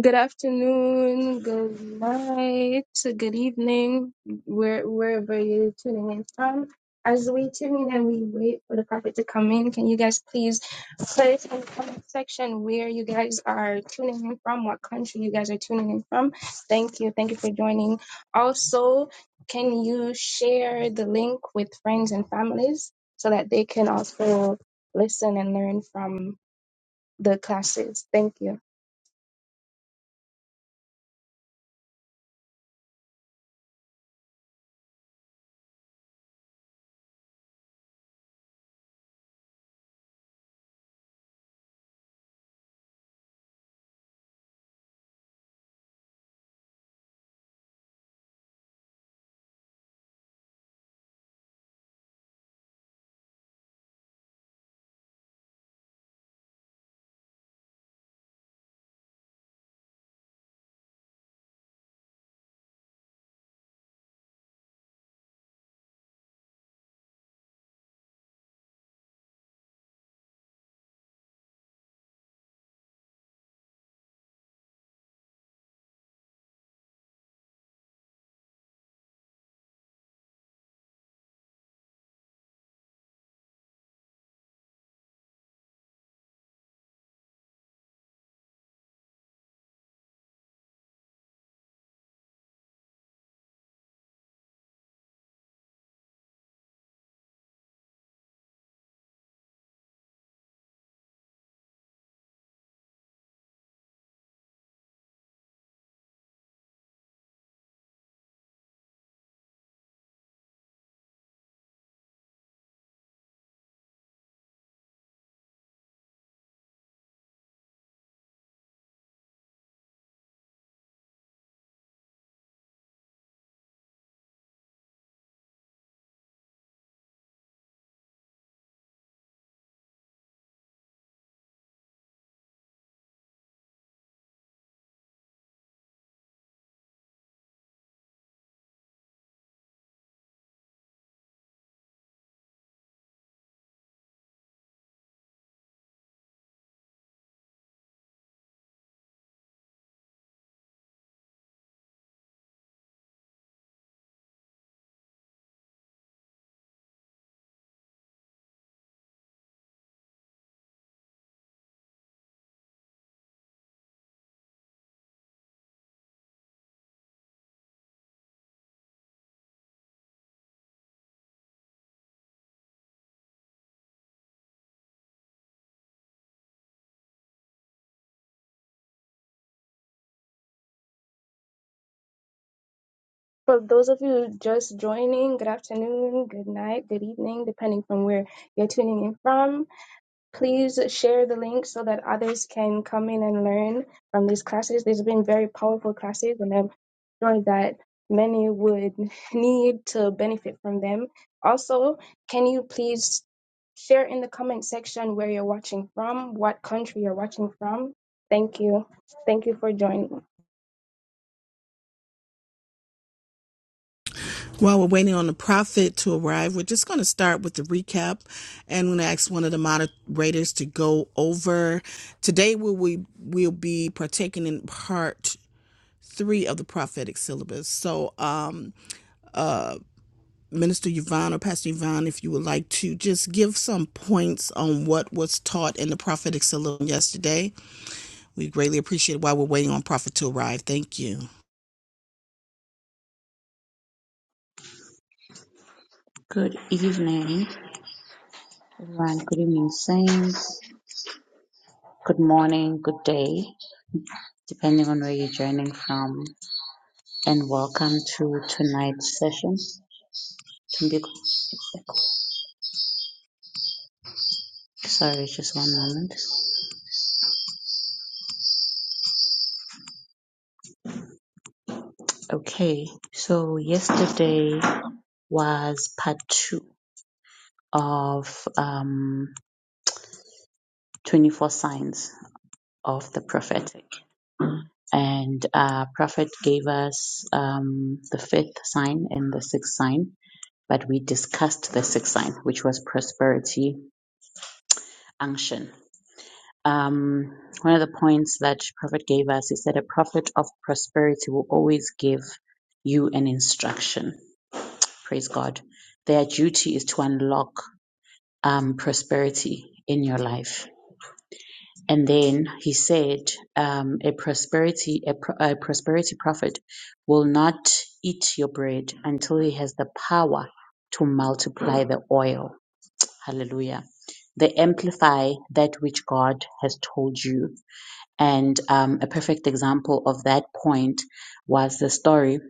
Good afternoon, good night, good evening, where, wherever you're tuning in from. As we tune in and we wait for the prophet to come in, can you guys please put in the comment section where you guys are tuning in from, what country you guys are tuning in from? Thank you. Thank you for joining. Also, can you share the link with friends and families so that they can also listen and learn from the classes? Thank you. For those of you just joining, good afternoon, good night, good evening, depending from where you're tuning in from. Please share the link so that others can come in and learn from these classes. These have been very powerful classes, and I'm sure that many would need to benefit from them. Also, can you please share in the comment section where you're watching from, what country you're watching from? Thank you. Thank you for joining. While we're waiting on the prophet to arrive, we're just going to start with the recap and we're going to ask one of the moderators to go over. Today we we will we'll be partaking in part three of the prophetic syllabus. So, um, Minister Yvonne or Pastor Yvonne, if you would like to just give some points on what was taught in the prophetic syllabus yesterday, we greatly appreciate it while we're waiting on prophet to arrive. Thank you. Good evening, everyone. Good evening, Saints. Good morning, good day, depending on where you're joining from. And welcome to tonight's session. Tumbi- Sorry, just one moment. Okay, so yesterday was part two of um, 24 signs of the prophetic. And uh, Prophet gave us um, the fifth sign and the sixth sign. but we discussed the sixth sign, which was prosperity unction. Um, one of the points that Prophet gave us is that a prophet of prosperity will always give you an instruction. Praise God. Their duty is to unlock um, prosperity in your life. And then he said, um, a prosperity a, pro- a prosperity prophet will not eat your bread until he has the power to multiply the oil Hallelujah. They amplify that which God has told you. And um, a perfect example of that point was the story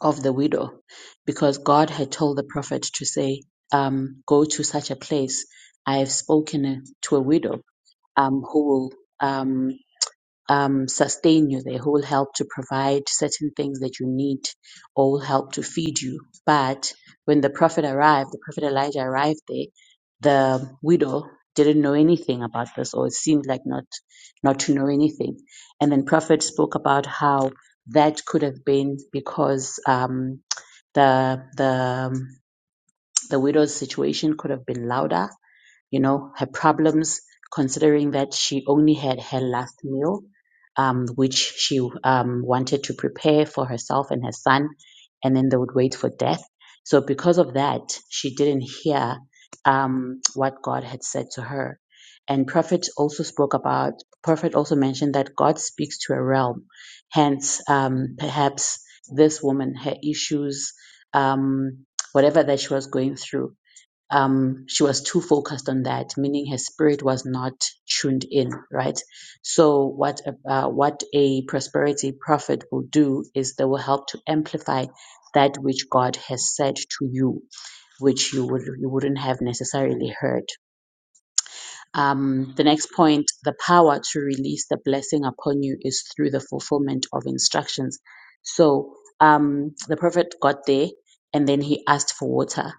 of the widow, because God had told the prophet to say, um, Go to such a place. I have spoken to a widow um, who will. um, um, sustain you. They will help to provide certain things that you need or will help to feed you. But when the prophet arrived, the prophet Elijah arrived there, the widow didn't know anything about this or it seemed like not not to know anything. And then prophet spoke about how that could have been because um, the the the widow's situation could have been louder you know, her problems, considering that she only had her last meal, um, which she um, wanted to prepare for herself and her son, and then they would wait for death. So, because of that, she didn't hear um, what God had said to her. And prophet also spoke about, prophet also mentioned that God speaks to a realm. Hence, um, perhaps this woman, her issues, um, whatever that she was going through, um, she was too focused on that, meaning her spirit was not tuned in, right? So what a- uh, what a prosperity prophet will do is they will help to amplify that which God has said to you, which you would you wouldn't have necessarily heard. Um, the next point, the power to release the blessing upon you is through the fulfillment of instructions. So um, the prophet got there, and then he asked for water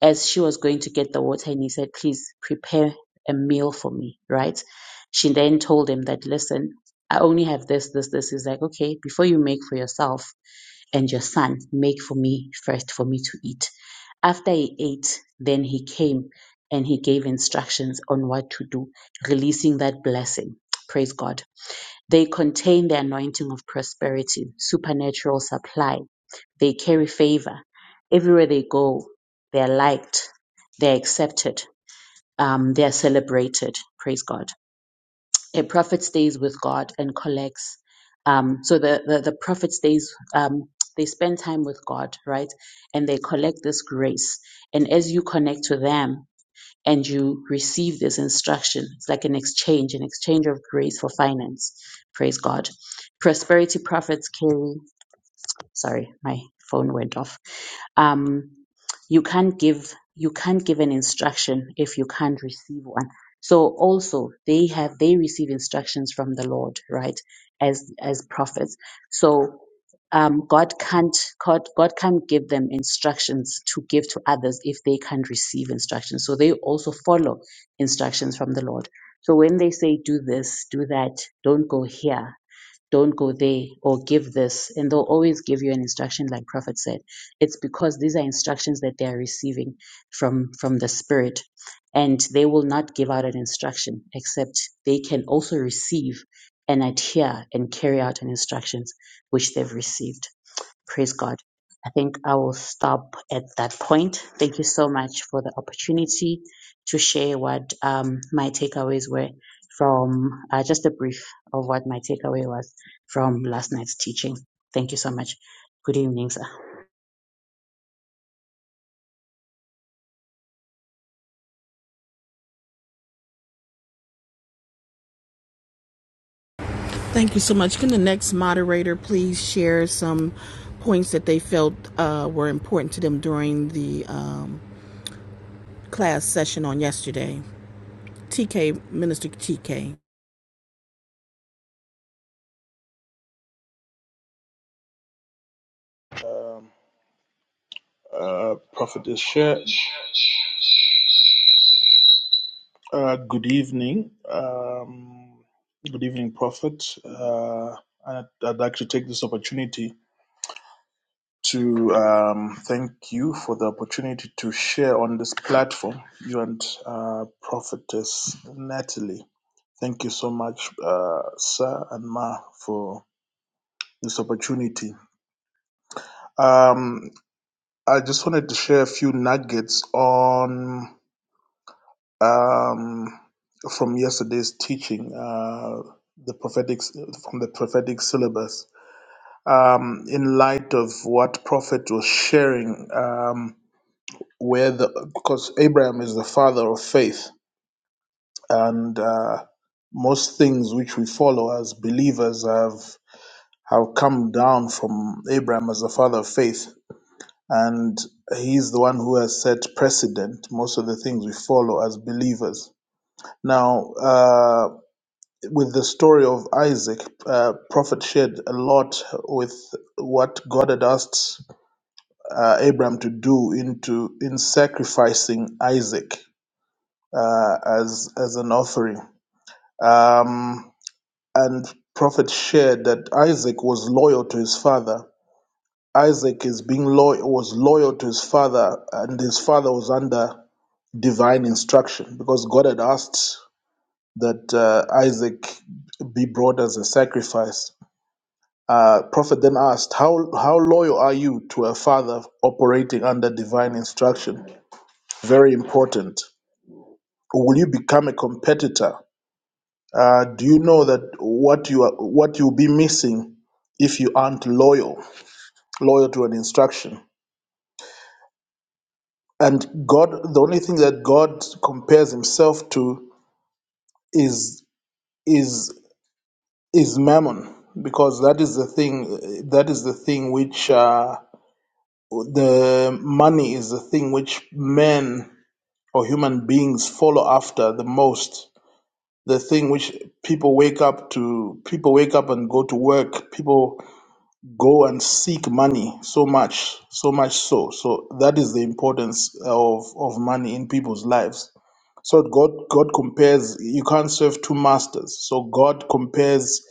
as she was going to get the water and he said, please prepare a meal for me, right? She then told him that, listen, I only have this, this, this. He's like, okay, before you make for yourself and your son, make for me first for me to eat. After he ate, then he came and he gave instructions on what to do, releasing that blessing. Praise God. They contain the anointing of prosperity, supernatural supply they carry favor. Everywhere they go, they're liked, they're accepted, um, they're celebrated. Praise God. A prophet stays with God and collects. Um, so the, the, the prophet stays, um, they spend time with God, right? And they collect this grace. And as you connect to them and you receive this instruction, it's like an exchange, an exchange of grace for finance. Praise God. Prosperity prophets carry Sorry, my phone went off. Um, you can't give you can't give an instruction if you can't receive one. So also they have they receive instructions from the Lord, right? As as prophets. So um, God can't God, God can't give them instructions to give to others if they can't receive instructions. So they also follow instructions from the Lord. So when they say do this, do that, don't go here, don't go there or give this. And they'll always give you an instruction, like Prophet said. It's because these are instructions that they are receiving from, from the Spirit. And they will not give out an instruction, except they can also receive and adhere and carry out an instructions which they've received. Praise God. I think I will stop at that point. Thank you so much for the opportunity to share what um, my takeaways were from uh, just a brief of what my takeaway was from last night's teaching. Thank you so much. Good evening, sir. Thank you so much. Can the next moderator please share some points that they felt uh, were important to them during the um, class session on yesterday? TK, Minister TK. um, uh, Prophetess Share. Uh, good evening. Um, good evening, Prophet. Uh, I'd, I'd like to take this opportunity to um, thank you for the opportunity to share on this platform, you and uh, Prophetess Natalie. Thank you so much, uh, Sir and Ma, for this opportunity. Um, I just wanted to share a few nuggets on. um, from yesterday's teaching, uh, the prophetic from the prophetic syllabus. Um, in light of what prophet was sharing, um, where the because Abraham is the father of faith, and uh, most things which we follow as believers have have come down from Abraham as the father of faith, and he's the one who has set precedent. Most of the things we follow as believers. Now. uh, with the story of Isaac, uh, prophet shared a lot with what God had asked uh, Abraham to do into in sacrificing Isaac uh, as as an offering. Um, and prophet shared that Isaac was loyal to his father. Isaac is being loyal was loyal to his father, and his father was under divine instruction because God had asked that uh, Isaac be brought as a sacrifice Uh, Prophet then asked, how, how loyal are you to a father operating under divine instruction? Very important. Will you become a competitor? Uh, do you know that what you are, what you'll be missing if you aren't loyal, loyal to an instruction? And God, the only thing that God compares Himself to is is is mammon, because that is the thing that is the thing which uh, the money is the thing which men or human beings follow after the most the thing which people wake up to people wake up and go to work people go and seek money so much so much so so that is the importance of of money in people's lives so god god compares you can't serve two masters so god compares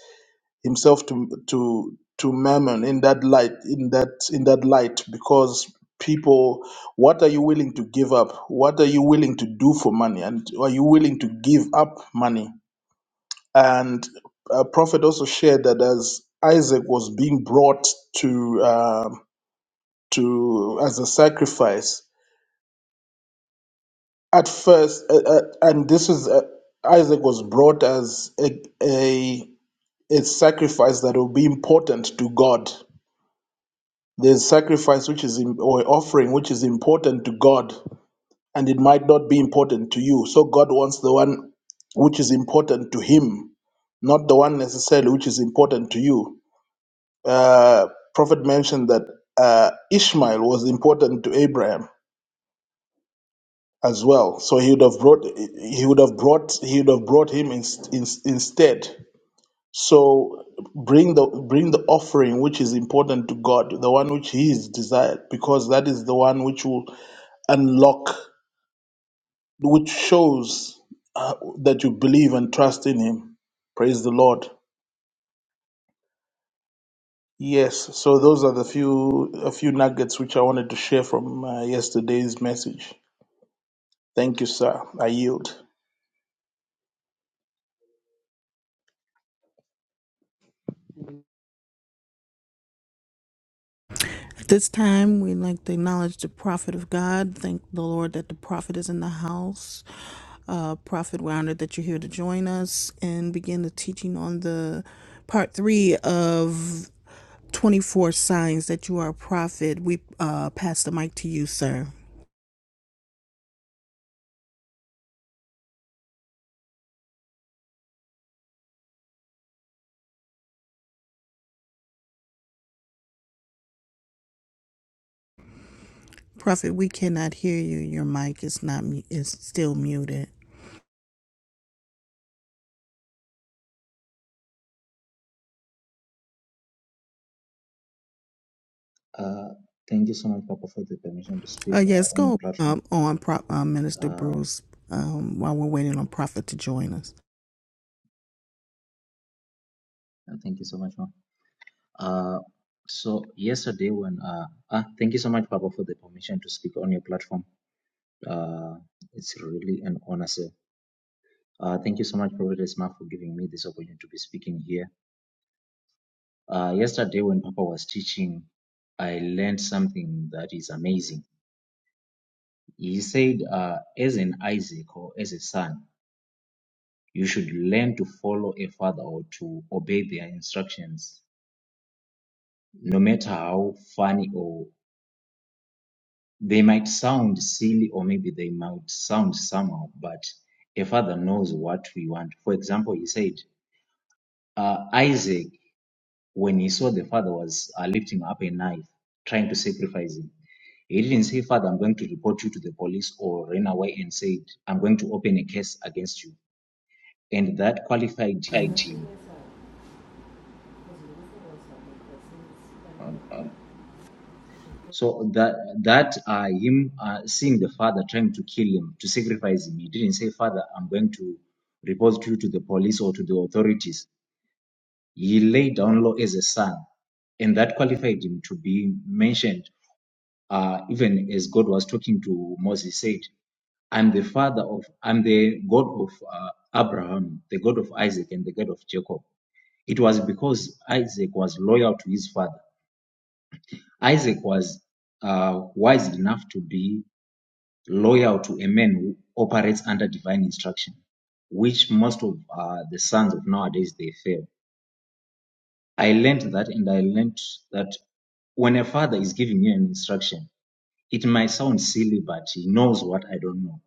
himself to to to mammon in that light in that in that light because people what are you willing to give up what are you willing to do for money and are you willing to give up money and uh, prophet also shared that as isaac was being brought to uh, to as a sacrifice at first uh, uh, and this is uh, isaac was brought as a, a a sacrifice that will be important to god There's sacrifice which is im- or offering which is important to God, and it might not be important to you. So God wants the one which is important to Him, not the one necessarily which is important to you. Uh, Prophet mentioned that uh, Ishmael was important to Abraham as well, so he would have brought he would have brought he would have brought him in, in, instead. So bring the bring the offering which is important to God, the one which He is desired, because that is the one which will unlock, which shows uh, that you believe and trust in Him. Praise the Lord. Yes. So those are the few a few nuggets which I wanted to share from uh, yesterday's message. Thank you, sir. I yield. At this time, we'd like to acknowledge the prophet of God. Thank the Lord that the prophet is in the house. Uh, prophet, we're honored that you're here to join us and begin the teaching on the part three of 24 signs that you are a prophet. We uh, pass the mic to you, sir. Prophet, we cannot hear you. Your mic is not mu- is still muted. Uh, thank you so much, Papa, for the permission to speak Uh, yes, uh, on your go platform. um, on, Pro uh, Minister Uh, Bruce. Um, while we're waiting on Prophet to join us, thank you so much, man. Uh, so yesterday when uh, ah, thank you so much, Papa, for the permission to speak on your platform. Uh, it's really an honor, sir. Uh, thank you so much, Prophet Esma, for giving me this opportunity to be speaking here. Uh, yesterday when Papa was teaching, I learned something that is amazing. He said, uh, as an Isaac or as a son. You should learn to follow a father or to obey their instructions, no matter how funny or they might sound silly or maybe they might sound somehow, but a father knows what we want. For example, he said, uh, Isaac, when he saw the father was uh, lifting up a knife, trying to sacrifice him, he didn't say, Father, I'm going to report you to the police or ran away and said, I'm going to open a case against you. And that qualified him. 18. Um, So that that uh, him uh, seeing the father trying to kill him to sacrifice him, he didn't say, "Father, I'm going to report you to the police or to the authorities." He laid down law as a son, and that qualified him to be mentioned. Uh, even as God was talking to Moses, said, "I'm the father of, I'm the God of uh, Abraham, the God of Isaac, and the God of Jacob." It was because Isaac was loyal to his father. Isaac was uh, wise enough to be loyal to a man who operates under divine instruction, which most of uh, the sons of nowadays they fail. I learned that, and I learned that when a father is giving you an instruction, it might sound silly, but he knows what I don't know.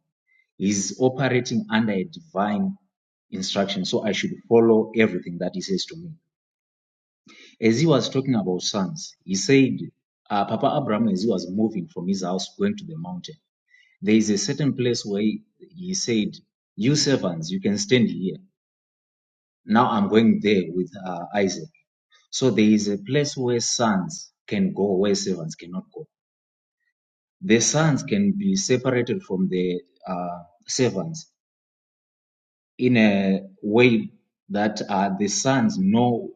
He's operating under a divine instruction, so I should follow everything that he says to me. As he was talking about sons, he said, uh, Papa Abraham, as he was moving from his house going to the mountain. There is a certain place where he, he said, You servants, you can stand here. Now I'm going there with uh, Isaac. So there is a place where sons can go, where servants cannot go. The sons can be separated from the uh, servants in a way that uh, the sons know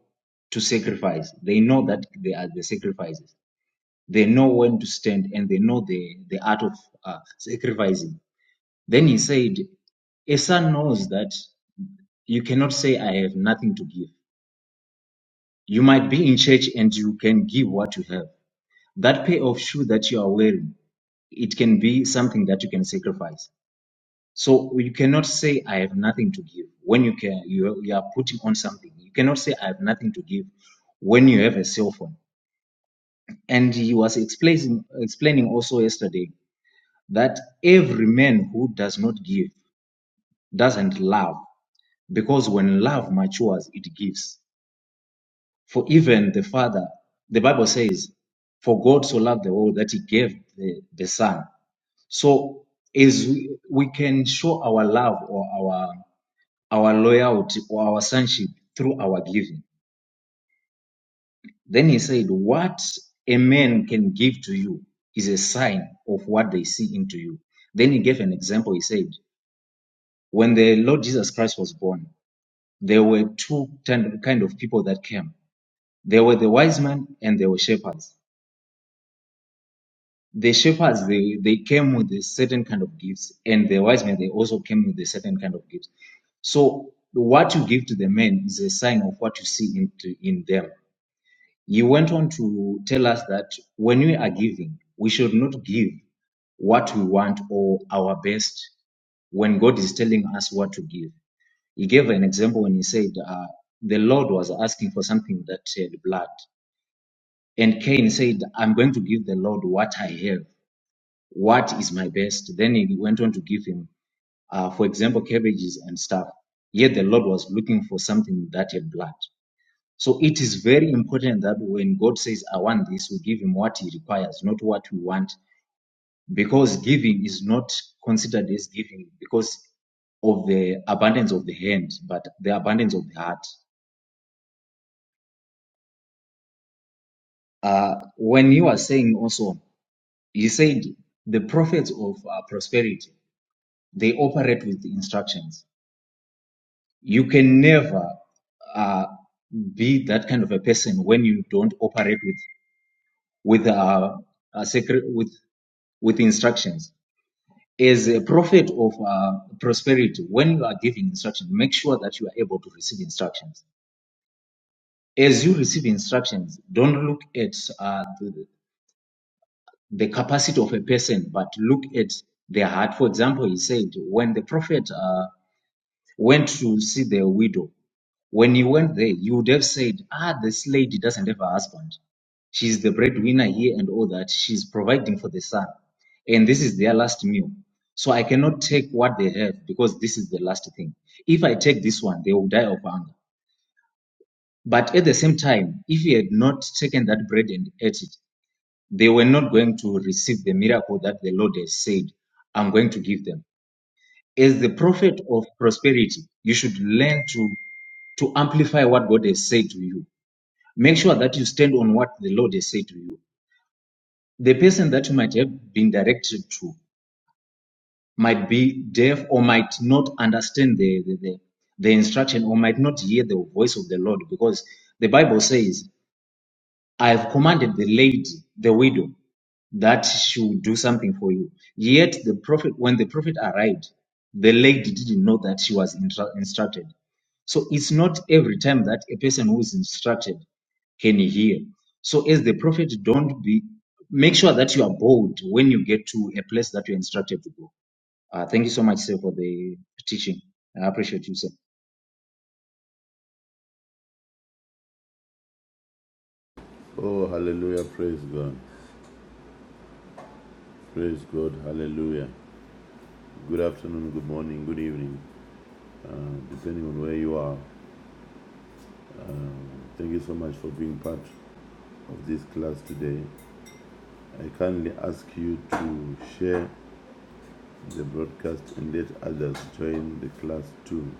to sacrifice. They know that they are the sacrifices. They know when to stand and they know the, the art of uh, sacrificing Then he said, A son knows that you cannot say, I have nothing to give. You might be in church and you can give what you have. That pair of shoe that you are wearing, it can be something that you can sacrifice. So you cannot say, I have nothing to give when you can, you, you are putting on something. You cannot say, I have nothing to give when you have a cell phone. And he was explaining, explaining also yesterday that every man who does not give doesn't love. Because when love matures, it gives. For even the Father, the Bible says, for God so loved the world that he gave the, the Son. So as we, we can show our love or our our loyalty or our sonship through our giving. Then he said, What a man can give to you is a sign of what they see into you. Then he gave an example. He said, When the Lord Jesus Christ was born, there were two kind of kind of people that came. There were the wise men and there were shepherds. The shepherds they, they came with a certain kind of gifts, and the wise men they also came with a certain kind of gifts. So what you give to the men is a sign of what you see in, to- in them. He went on to tell us that when we are giving, we should not give what we want or our best when God is telling us what to give. He gave an example when he said uh, the Lord was asking for something that shed blood. And Cain said, I'm going to give the Lord what I have. What is my best? Then he went on to give him, uh, for example, cabbages and stuff. Yet the Lord was looking for something that had blood. So it is very important that when God says, I want this, we give him what he requires, not what we want, because giving is not considered as giving because of the abundance of the hand, but the abundance of the heart. Uh, when you are saying also, he said, the prophets of uh, prosperity. They operate with instructions. You can never uh, be that kind of a person when you don't operate with with uh, a secret with with instructions. As a prophet of uh, prosperity, when you are giving instructions, make sure that you are able to receive instructions. As you receive instructions, don't look at uh, the, the capacity of a person, but look at their heart. For example, he said, when the prophet uh, went to see the widow, When you went there, you would have said, ah, this lady doesn't have a husband. She's the breadwinner here and all that. She's providing for the son. And this is their last meal. So I cannot take what they have because this is the last thing. If I take this one, they will die of hunger. But at the same time, if he had not taken that bread and ate it, they were not going to receive the miracle that the Lord has said, I'm going to give them. As the prophet of prosperity, you should learn to, to amplify what God has said to you Make sure that you stand on what the Lord has said to you. The person that you might have been directed to might be deaf or might not understand the, the, the, the instruction or might not hear the voice of the Lord because the Bible says, I have commanded the lady, the widow. that she would do something for you. Yet the prophet, when the prophet arrived, the lady didn't know that she was intra- instructed. So it's not every time that a person who is instructed can hear. So as the prophet, don't be make sure that you are bold when you get to a place that you're instructed to go. Uh, thank you so much, sir, for the teaching. I appreciate you, sir. Oh, hallelujah. Praise God. Praise God. Hallelujah. Good afternoon, good morning, good evening, uh, depending on where you are. Thank you so much for being part of this class today. I kindly ask you to share the broadcast and let others join the class too.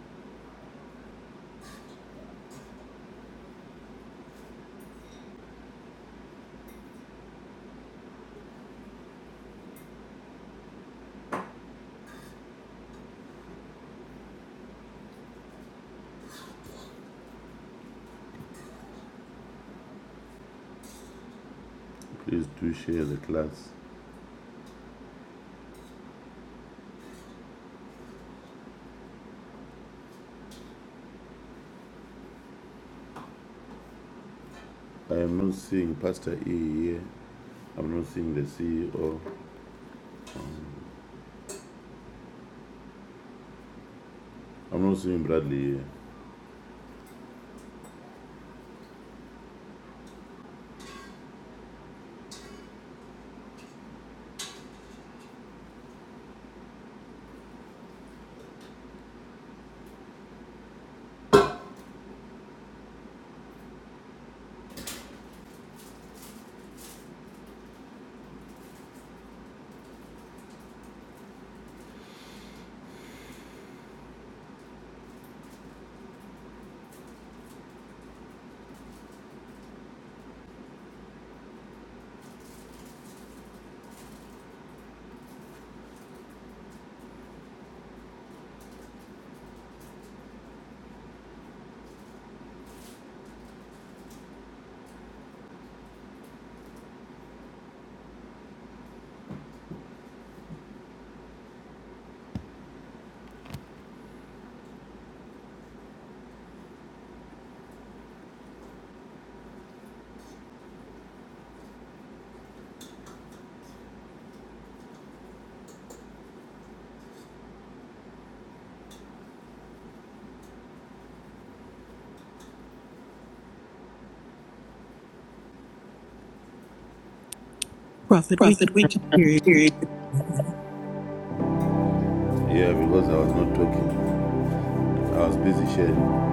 Please do share the class. I am not seeing Pastor E here. I'm not seeing the CEO. I'm not seeing Bradley here. Prophet, we Prophet, we cannot cannot hear you. hear you. Yeah, because I was not talking. I was busy sharing.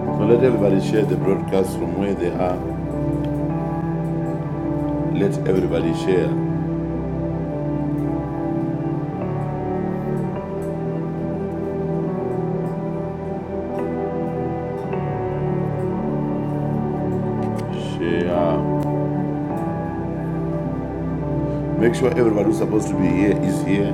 So let everybody share the broadcast from where they are. Let everybody share. Share. Make sure everybody who's supposed to be here is here.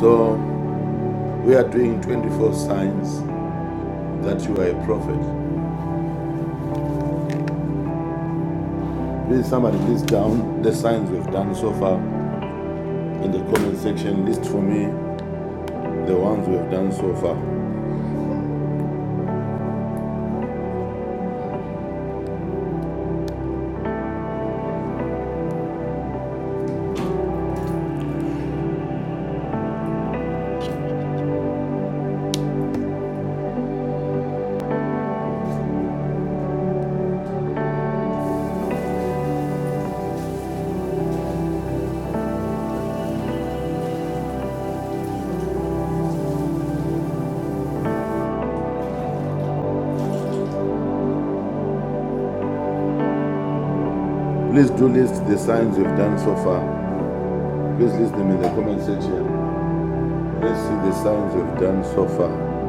So we are doing 24 signs that you are a prophet. Please, somebody list down the signs we've done so far in the comment section. List for me the ones we have done so far. Please do list the signs we've done so far. Please list them in the comment section. Let's see the signs we've done so far.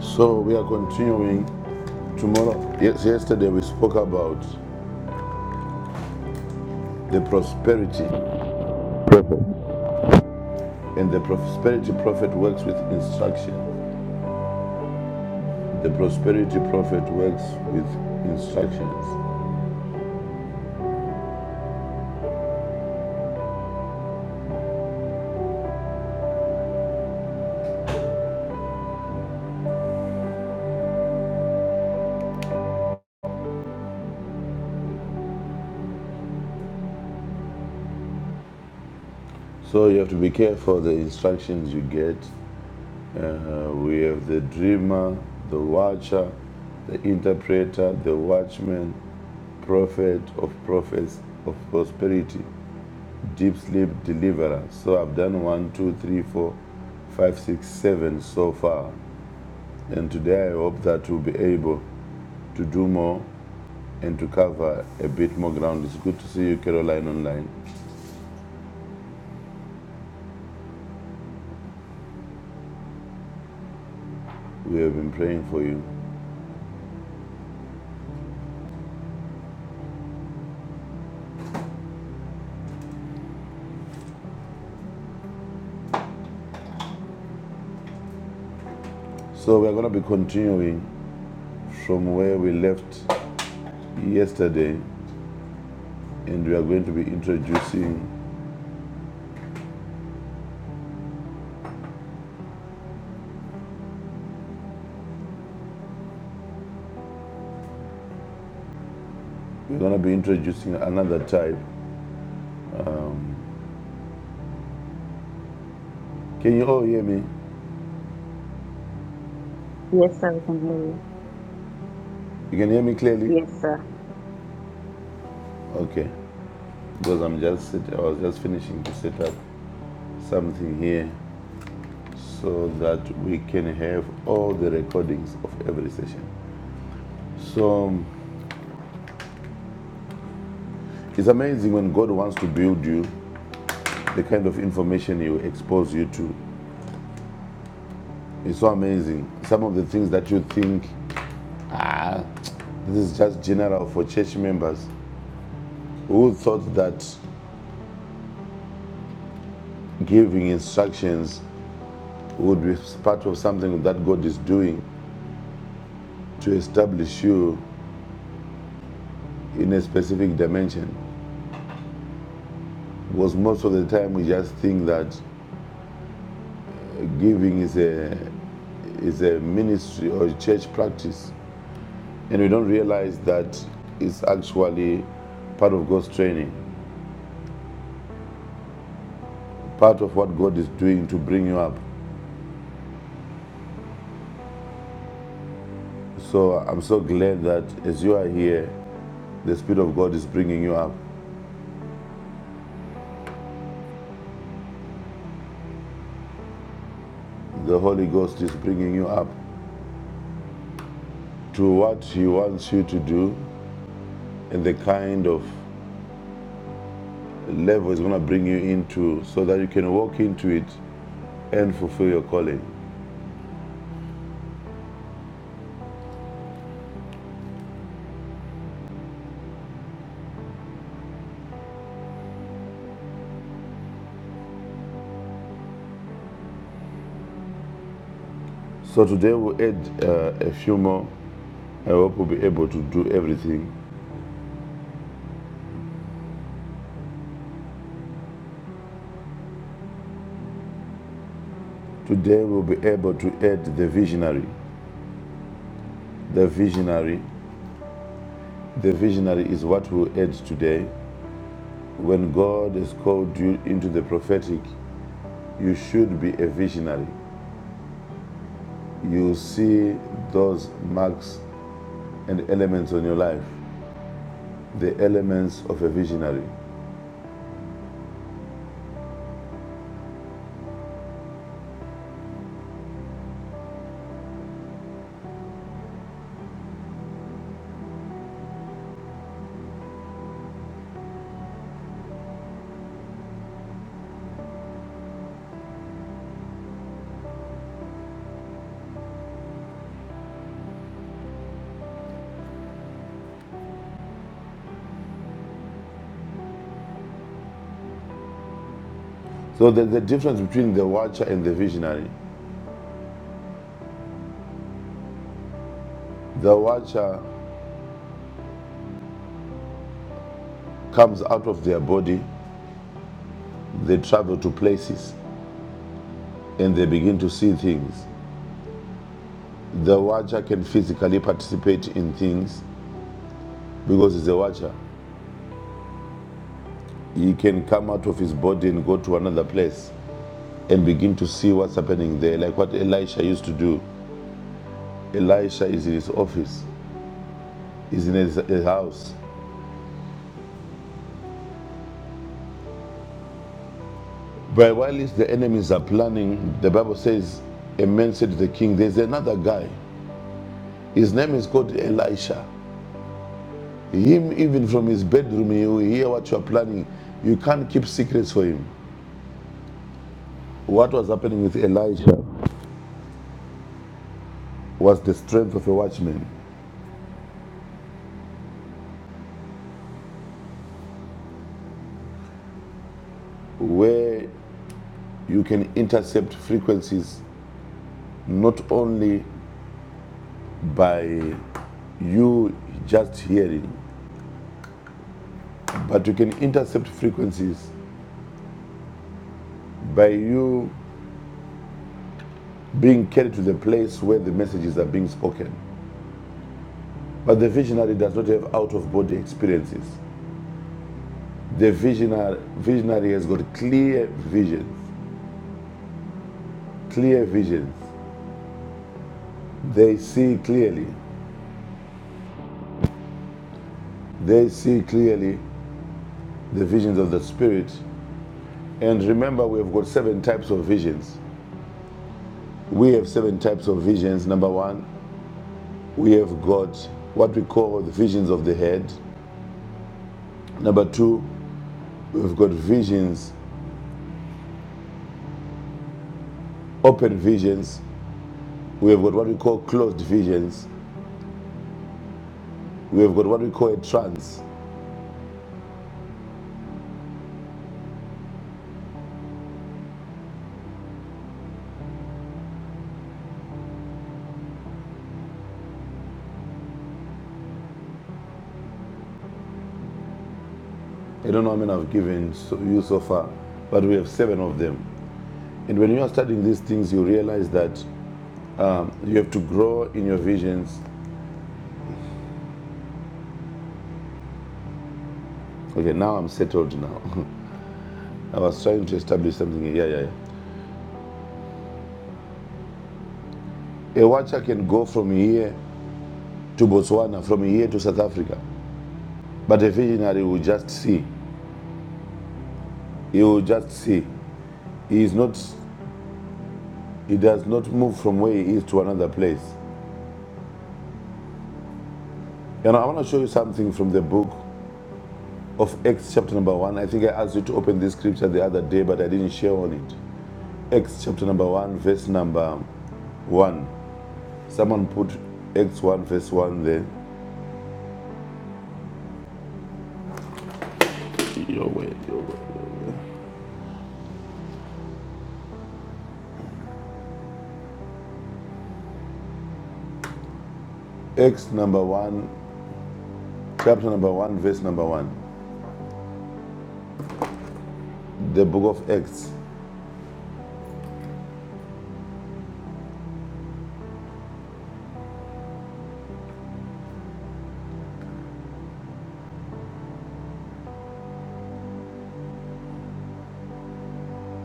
So we are continuing Tomorrow, yes, yesterday we spoke about the prosperity, and the prosperity prophet works with instruction. The prosperity prophet works with instructions. So you have to be careful the instructions you get. Uh, we have the dreamer, the watcher, the interpreter, the watchman, prophet of prophets of prosperity, deep sleep deliverer. So I've done one, two, three, four, five, six, seven so far. And today I hope that we'll be able to do more and to cover a bit more ground. It's good to see you, Caroline, online. We have been praying for you. So we're going to be continuing from where we left yesterday, and we are going to be introducing. We're going to be introducing another type. Can you all hear me? Yes, sir, we can hear you. You can hear me clearly. Yes, sir. Okay, because I'm just I was just finishing to set up something here so that we can have all the recordings of every session. So um, It's amazing when God wants to build you, the kind of information He will expose you to. It's so amazing. Some of the things that you think this is just general for church members who thought that giving instructions would be part of something that God is doing to establish you in a specific dimension. Because most of the time we just think that giving is a is a ministry or a church practice, and we don't realize that it's actually part of God's training. part of what God is doing to bring you up. So I'm so glad that as you are here, the Spirit of God is bringing you up. The Holy Ghost is bringing you up to what He wants you to do and the kind of level He's going to bring you into so that you can walk into it and fulfill your calling. So today we'll add uh, a few more. I hope we'll be able to do everything. Today we'll be able to add the visionary. The visionary. The visionary is what we'll add today. When God has called you into the prophetic, you should be a visionary. You see those marks and elements on your life, the elements of a visionary. So, the, the difference between the watcher and the visionary the watcher comes out of their body, they travel to places, and they begin to see things. The watcher can physically participate in things because he's a watcher. He can come out of his body and go to another place and begin to see what's happening there, like what Elisha used to do. Elisha is in his office, is in his, his house. But while the enemies are planning, the Bible says, a man said to the king, There's another guy. His name is called Elisha. Him, even from his bedroom, he will hear what you are planning. You can't keep secrets for him. What was happening with Elisha was the strength of a watchman, where you can intercept frequencies not only by you just hearing, but you can intercept frequencies by you being carried to the place where the messages are being spoken. But the visionary does not have out of body experiences. The visionary, visionary has got clear visions, clear visions. They see clearly. They see clearly the visions of the spirit. And remember, we have got seven types of visions. We have seven types of visions. Number one, we have got what we call the visions of the head Number two, we've got visions, open visions. We have got what we call closed visions. We have got what we call a trance. I don't know how many I've given so- you so far, but we have seven of them. And when you are studying these things, you realize that um, you have to grow in your visions. Okay, now I'm settled now. I was trying to establish something. Yeah, yeah, yeah. A watcher can go from here to Botswana, from here to South Africa, but a visionary will just see. He will just see. He is not He does not move from where he is to another place. You know, I want to show you something from the book of Acts, chapter number one. I think I asked you to open this scripture the other day, but I didn't share on it. Acts, chapter number one, verse number one. Someone put Acts 1, verse 1 there. Your way, your way. your way. Acts number 1, chapter number 1, verse number 1, the book of Acts.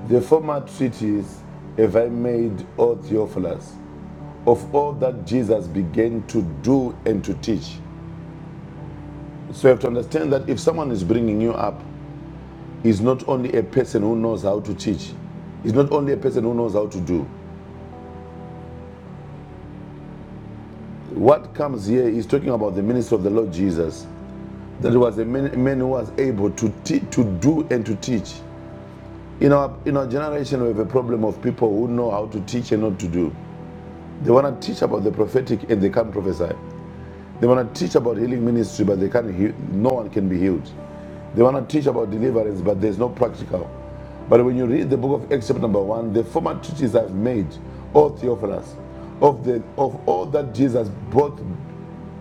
The former treatise have I made, O Theophilus, of all that Jesus began to do and to teach, So you have to understand that if someone is bringing you up, he's not only a person who knows how to teach, he's not only a person who knows how to do. What comes here is talking about the ministry of the Lord Jesus. That was a man, man who was able to to do and to teach. In our in our generation, we have a problem of people who know how to teach and not to do. They want to teach about the prophetic and they can't prophesy. They want to teach about healing ministry, but they can't heal. No one can be healed. They want to teach about deliverance, but there's no practical. But when you read the book of Exodus number one, the former teachings I've made, O Theophilus, of the of all that Jesus both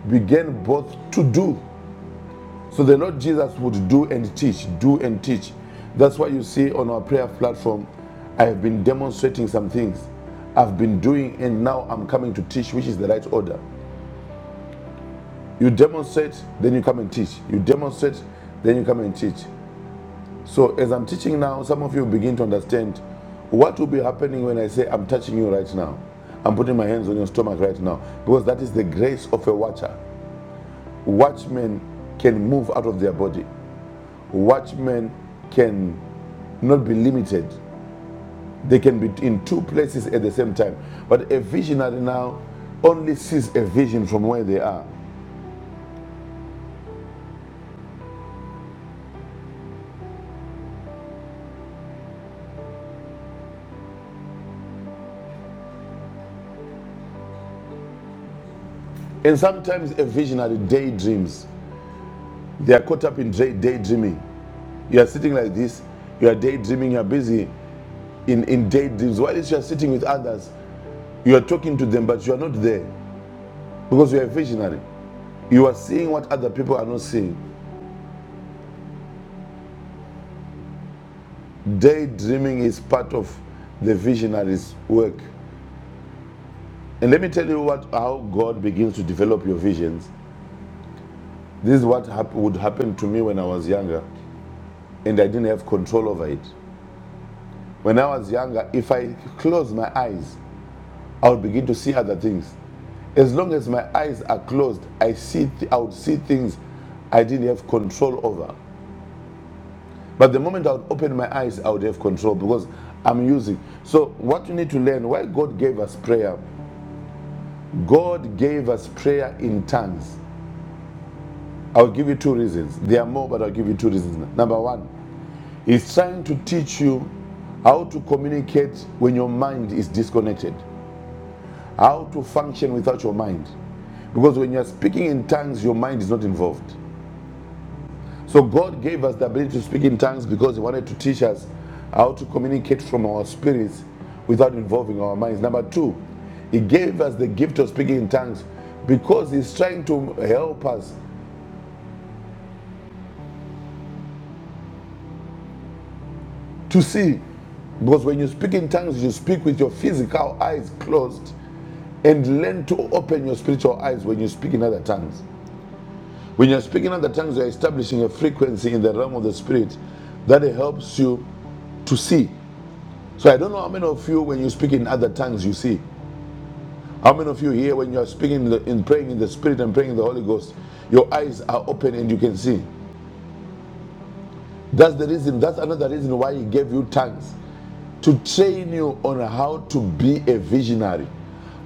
began both to do. So the Lord Jesus would do and teach, do and teach. That's why you see on our prayer platform, I have been demonstrating some things. I've been doing and now I'm coming to teach, which is the right order. You demonstrate, then you come and teach. You demonstrate, then you come and teach. So as I'm teaching now, some of you begin to understand what will be happening when I say I'm touching you right now. I'm putting my hands on your stomach right now because that is the grace of a watcher. Watchmen can move out of their body. Watchmen can not be limited. They can be in two places at the same time. But a visionary now only sees a vision from where they are. And sometimes a visionary daydreams. They are caught up in daydreaming. You are sitting like this, you are daydreaming, you are busy in, in daydreams. While you are sitting with others, you are talking to them, but you are not there because you are visionary. You are seeing what other people are not seeing. Daydreaming is part of the visionary's work. And let me tell you what how God begins to develop your visions. This is what hap- would happen to me when I was younger, and I didn't have control over it. When I was younger, if I close my eyes, I would begin to see other things. As long as my eyes are closed, I see th- I would see things I didn't have control over. But the moment I would open my eyes, I would have control because I'm using. So what you need to learn, why God gave us prayer, God gave us prayer in tongues. I'll give you two reasons. There are more, but I'll give you two reasons. Number one, He's trying to teach you how to communicate when your mind is disconnected, how to function without your mind. Because when you're speaking in tongues, your mind is not involved. So God gave us the ability to speak in tongues because He wanted to teach us how to communicate from our spirits without involving our minds. Number two, He gave us the gift of speaking in tongues because He's trying to help us to see. Because when you speak in tongues, you speak with your physical eyes closed and learn to open your spiritual eyes when you speak in other tongues. When you're speaking in other tongues, you're establishing a frequency in the realm of the spirit that helps you to see So I don't know how many of you, when you speak in other tongues, you see. How many of you here, when you are speaking in, the, in praying in the Spirit and praying in the Holy Ghost, your eyes are open and you can see. That's the reason. That's another reason why He gave you tongues to train you on how to be a visionary,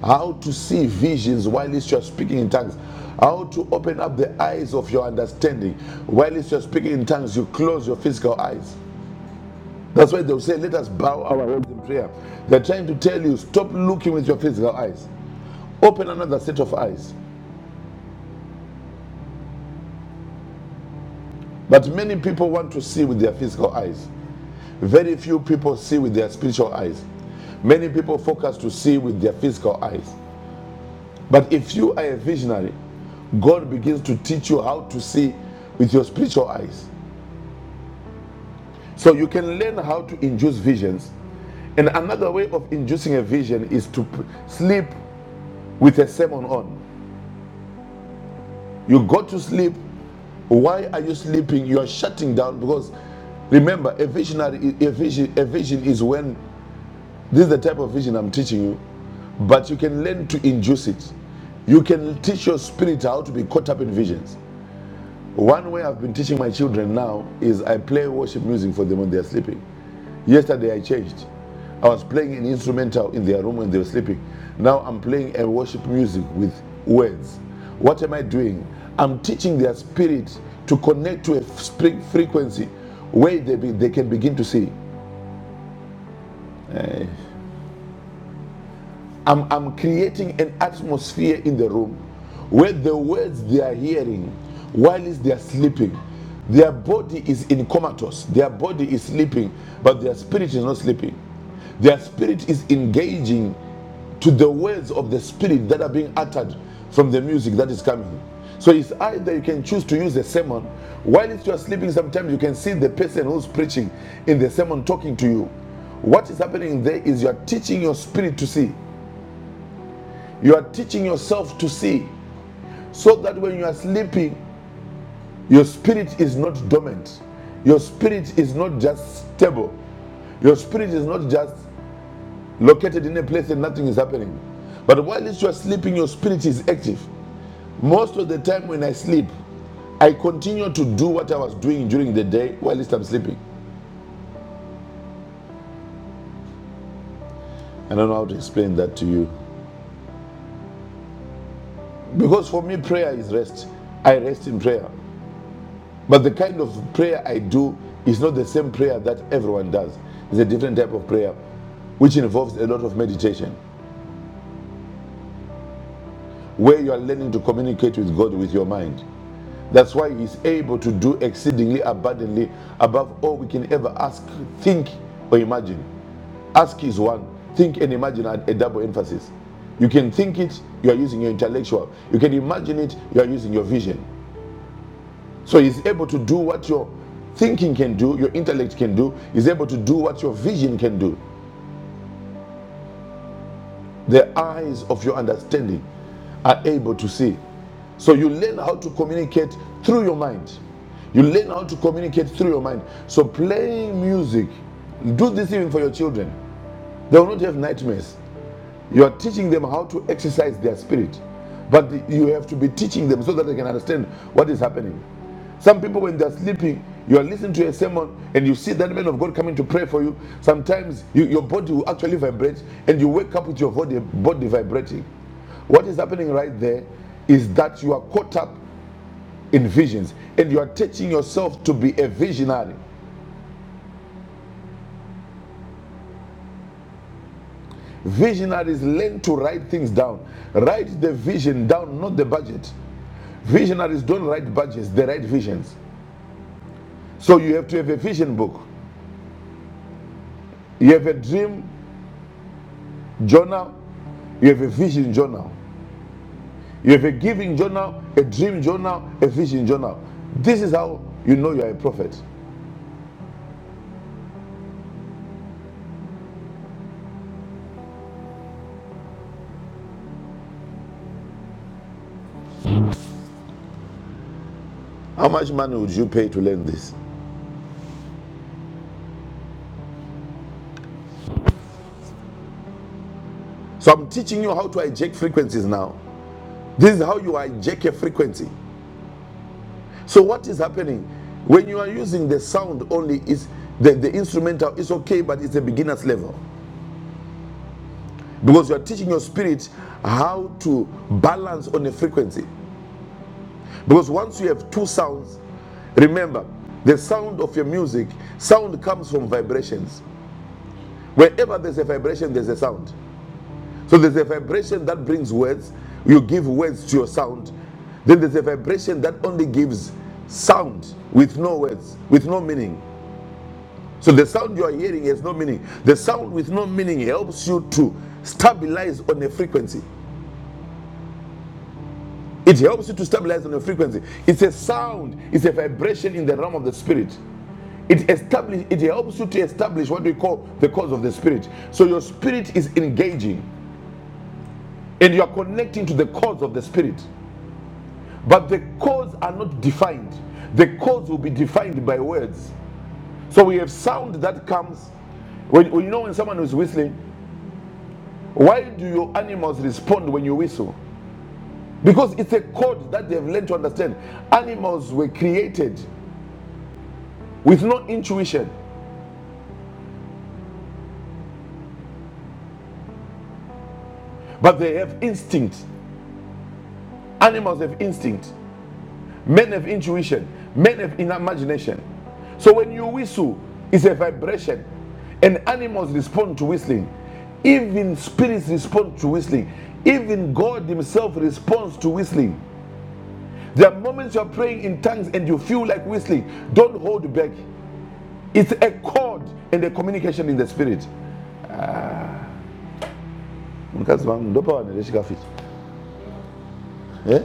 how to see visions while you are speaking in tongues, how to open up the eyes of your understanding while you are speaking in tongues. You close your physical eyes. That's why they'll say, "Let us bow our heads in prayer." They're trying to tell you, stop looking with your physical eyes. Open another set of eyes. But many people want to see with their physical eyes. Very few people see with their spiritual eyes. Many people focus to see with their physical eyes. But if you are a visionary, God begins to teach you how to see with your spiritual eyes. So you can learn how to induce visions. And another way of inducing a vision is to sleep with a sermon on. You go to sleep Why are you sleeping? You are shutting down because remember, a visionary, a vision, a vision is when this is the type of vision I'm teaching you, but you can learn to induce it. You can teach your spirit how to be caught up in visions. One way I've been teaching my children now is I play worship music for them when they're sleeping. Yesterday I changed. I was playing an instrumental in their room when they were sleeping. Now I'm playing a worship music with words. What am I doing? I'm teaching their spirit to connect to a spring frequency where they, be, they can begin to see. Eh, I'm, I'm creating an atmosphere in the room where the words they are hearing while they are sleeping, their body is in comatose, their body is sleeping, but their spirit is not sleeping. Their spirit is engaging to the words of the spirit that are being uttered from the music that is coming. So it's either you can choose to use the sermon while you are sleeping. Sometimes you can see the person who's preaching in the sermon talking to you. What is happening there is you are teaching your spirit to see. You are teaching yourself to see, so that when you are sleeping, your spirit is not dormant. Your spirit is not just stable. Your spirit is not just located in a place and nothing is happening. But while you are sleeping, your spirit is active. Most of the time when I sleep, I continue to do what I was doing during the day while at least I'm sleeping. I don't know how to explain that to you. Because for me, prayer is rest. I rest in prayer. But the kind of prayer I do is not the same prayer that everyone does. It's a different type of prayer, which involves a lot of meditation, where you are learning to communicate with God with your mind. That's why He's able to do exceedingly abundantly above all we can ever ask, think, or imagine. Ask is one. Think and imagine at a double emphasis. You can think it, you are using your intellectual. You can imagine it, you are using your vision. So he's able to do what your thinking can do, your intellect can do. He's able to do what your vision can do. The eyes of your understanding are able to see. So you learn how to communicate through your mind. You learn how to communicate through your mind. So playing music, do this even for your children. They will not have nightmares. You are teaching them how to exercise their spirit, but you have to be teaching them so that they can understand what is happening. Some people, when they're sleeping, you are listening to a sermon and you see that man of God coming to pray for you. Sometimes you, your body will actually vibrate and you wake up with your body, body vibrating. What is happening right there is that you are caught up in visions and you are teaching yourself to be a visionary. Visionaries learn to write things down. Write the vision down, not the budget. Visionaries don't write budgets, they write visions. So you have to have a vision book. You have a dream journal, you have a vision journal. You have a giving journal, a dream journal, a vision journal. This is how you know you are a prophet. How much money would you pay to learn this? So I'm teaching you how to hijack frequencies now. This is how you hijack a frequency. So what is happening? When you are using the sound only, is the, the instrumental is okay, but it's a beginner's level. because you are teaching your spirit how to balance on a frequency because once you have two sounds remember the sound of your music sound comes from vibrations wherever there's a vibration there's a sound so there's a vibration that brings words you give words to your sound then there's a vibration that only gives sound with no words with no meaning so the sound you are hearing has no meaning the sound with no meaning helps you to stabilize on a frequency It helps you to stabilize on your frequency. It's a sound, it's a vibration in the realm of the spirit. It establish, it helps you to establish what we call the cause of the spirit. So your spirit is engaging and you are connecting to the cause of the spirit. But the cause are not defined. The cause will be defined by words. So we have sound that comes when, when you know when someone is whistling, why do your animals respond when you whistle? Because it's a code that they've learned to understand. Animals were created with no intuition. But they have instinct. Animals have instinct. Men have intuition. Men have in- imagination. So when you whistle, it's a vibration. And animals respond to whistling. Even spirits respond to whistling. Even God Himself responds to whistling. There are moments you're praying in tongues and you feel like whistling. Don't hold back. It's a chord and a communication in the spirit. Eh?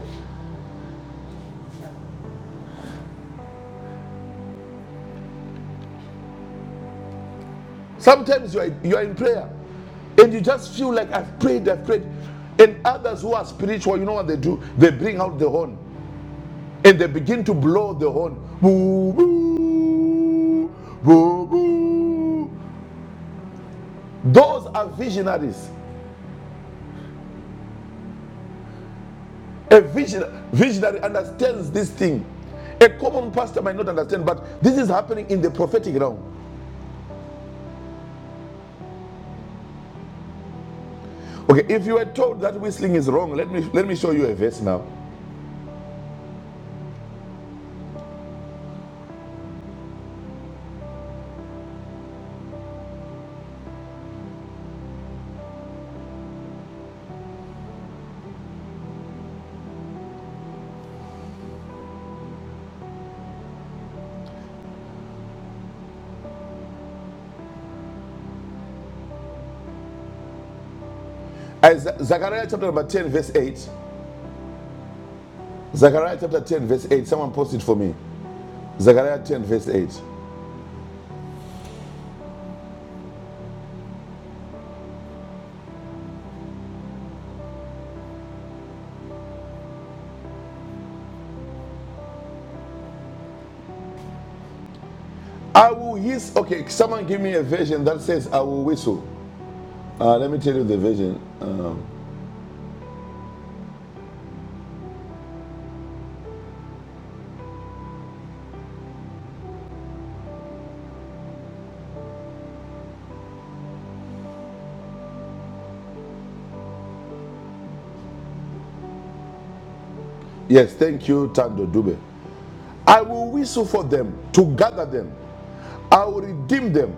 Sometimes you are, you are in prayer and you just feel like I've prayed, I've prayed. And others who are spiritual, you know what they do? They bring out the horn and they begin to blow the horn. Boo, boo, boo, boo. Those are visionaries. A vision, visionary understands this thing. A common pastor might not understand, but this is happening in the prophetic realm. Okay, if you were told that whistling is wrong, let me let me show you a verse now. As Zechariah chapter number 10, verse 8. Zechariah chapter 10, verse 8. Someone post it for me. Zechariah 10, verse 8. I will hiss. Okay, someone give me a version that says, I will whistle. Uh, let me tell you the version. Um, yes, thank you, Tando Dube. I will whistle for them to gather them. I will redeem them,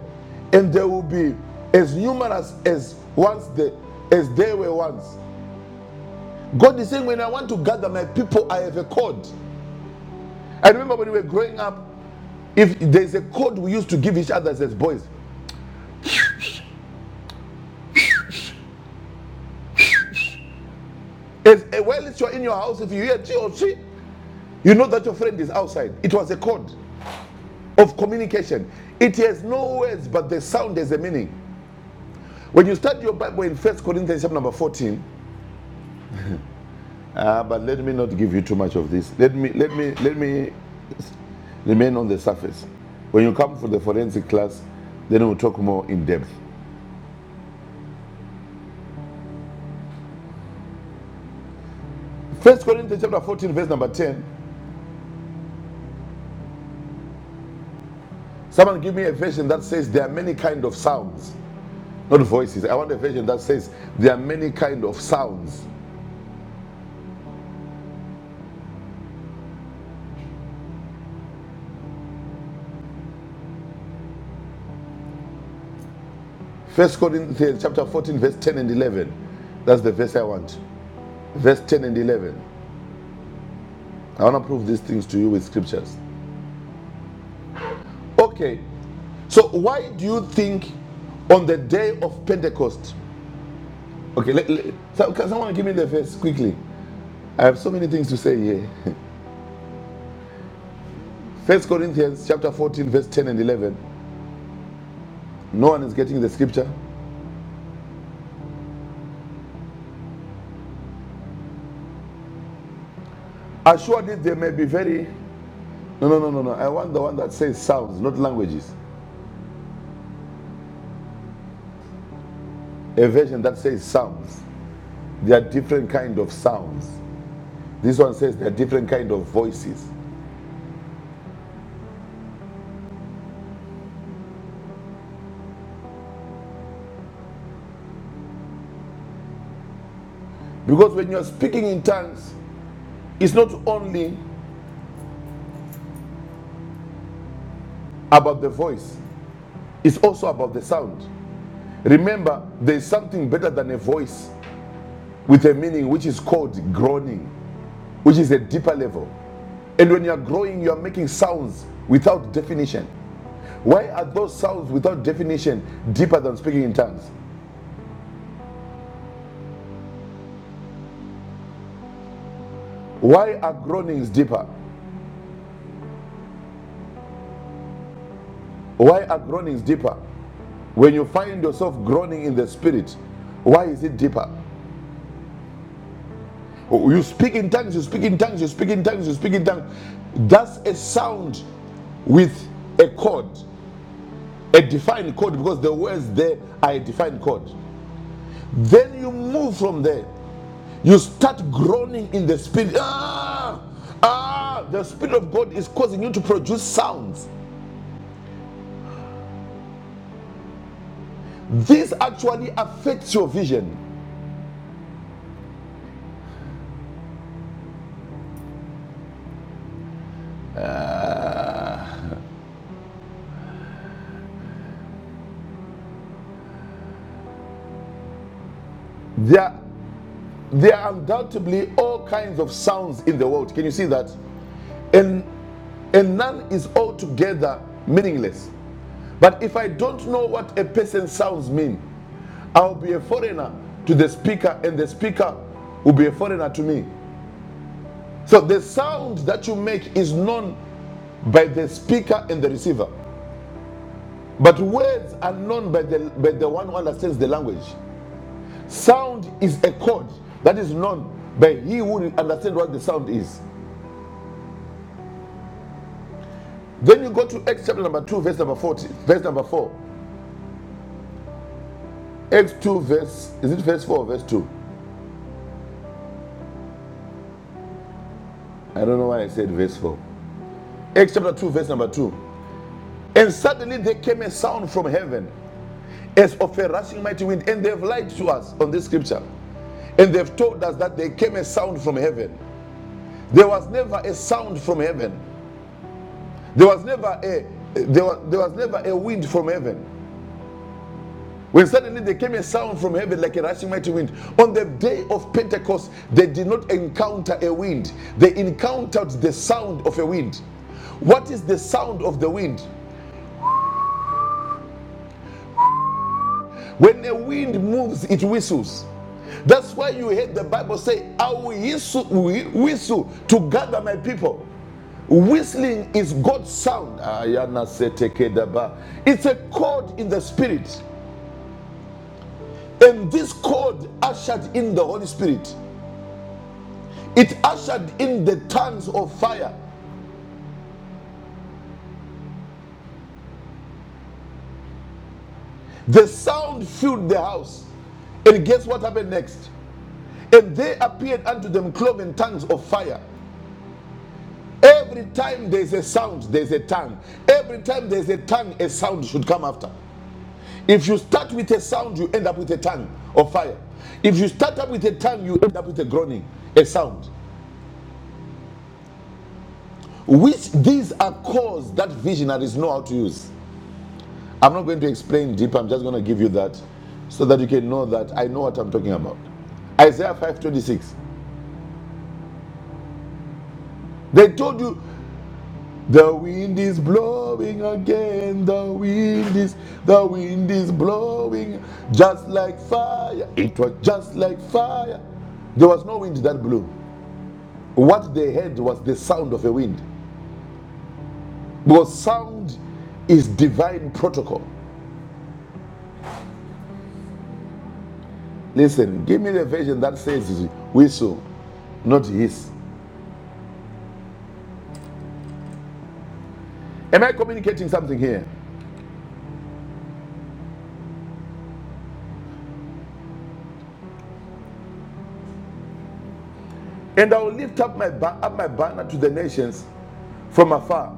and they will be as numerous as once they, as they were once. God is saying, when I want to gather my people, I have a code. I remember when we were growing up, if there's a code we used to give each other as boys, As, uh, while you're in your house, if you hear G or she, you know that your friend is outside. It was a code of communication. It has no words, but the sound has a meaning. When you start your Bible in First Corinthians chapter number 14, uh, but let me not give you too much of this. Let me let me let me remain on the surface. When you come for the forensic class, then we'll talk more in depth. First Corinthians chapter 14, verse number 10. Someone give me a version that says there are many kind of sounds, not voices. I want a version that says there are many kind of sounds First Corinthians chapter 14, verse 10 and 11. That's the verse I want. Verse 10 and 11. I want to prove these things to you with scriptures. Okay, so why do you think on the day of Pentecost? Okay, let, let- so- can someone give me the verse quickly? I have so many things to say here. First Corinthians chapter 14, verse 10 and 11. No one is getting the scripture. Assuredly, there may be very. No, no, no, no, no. I want the one that says sounds, not languages. A version that says sounds. There are different kind of sounds. This one says there are different kind of voices. Because when you are speaking in tongues, it's not only about the voice, it's also about the sound. Remember, there is something better than a voice with a meaning which is called groaning, which is a deeper level. And when you are growing, you are making sounds without definition. Why are those sounds without definition deeper than speaking in tongues? Why are groanings deeper? Why are groanings deeper? When you find yourself groaning in the spirit, why is it deeper? Oh, You speak in tongues, you speak in tongues, you speak in tongues, you speak in tongues. That's a sound with a chord, a defined chord, because the words there are a defined chord. Then you move from there. You start groaning in the spirit. Ah, ah, the spirit of God is causing you to produce sounds. This actually affects your vision. Uh, There, there are undoubtedly all kinds of sounds in the world. Can you see that? And and none is altogether meaningless. But if I don't know what a person's sounds mean, I'll be a foreigner to the speaker, and the speaker will be a foreigner to me. So the sound that you make is known by the speaker and the receiver. But words are known by the, by the one who understands the language. Sound is a code that is known by he who understands what the sound is. Then you go to Acts chapter number 2, verse number 40, verse number 4. Acts 2, verse, is it verse 4 or verse 2? I don't know why I said verse 4. Acts chapter 2, verse number 2. And suddenly there came a sound from heaven as of a rushing mighty wind, and they've lied to us on this scripture. And they've told us that there came a sound from heaven. There was never a sound from heaven. There was never a there was, there was never a wind from heaven. When suddenly there came a sound from heaven like a rushing mighty wind. On the day of Pentecost, they did not encounter a wind. They encountered the sound of a wind. What is the sound of the wind? When the wind moves, it whistles. That's why you heard the Bible say, I will whistle, whistle to gather my people. Whistling is God's sound. It's a chord in the spirit. And this chord ushered in the Holy Spirit. It ushered in the tongues of fire. The sound filled the house. And guess what happened next? And they appeared unto them cloven tongues of fire. Every time there's a sound, there's a tongue. Every time there's a tongue, a sound should come after. If you start with a sound, you end up with a tongue of fire. If you start up with a tongue, you end up with a groaning, a sound. Which these are calls that visionaries know how to use. I'm not going to explain deep, I'm just going to give you that so that you can know that I know what I'm talking about. Isaiah 5:26. They told you The wind is blowing again. The wind is the wind is blowing just like fire. It was just like fire. There was no wind that blew. What they heard was the sound of a wind. Because sound is divine protocol. Listen, give me the version that says whistle, not his. Am I communicating something here? And I will lift up my ba- up my banner to the nations. from afar,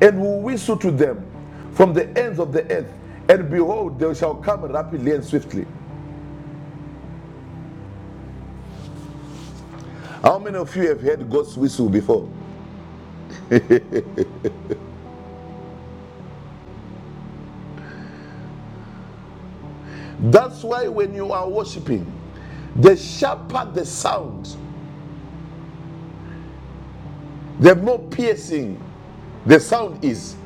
and will whistle to them from the ends of the earth. And behold, they shall come rapidly and swiftly. How many of you have heard God's whistle before? That's why when you are worshiping, the sharper the sound, the more piercing the sound is,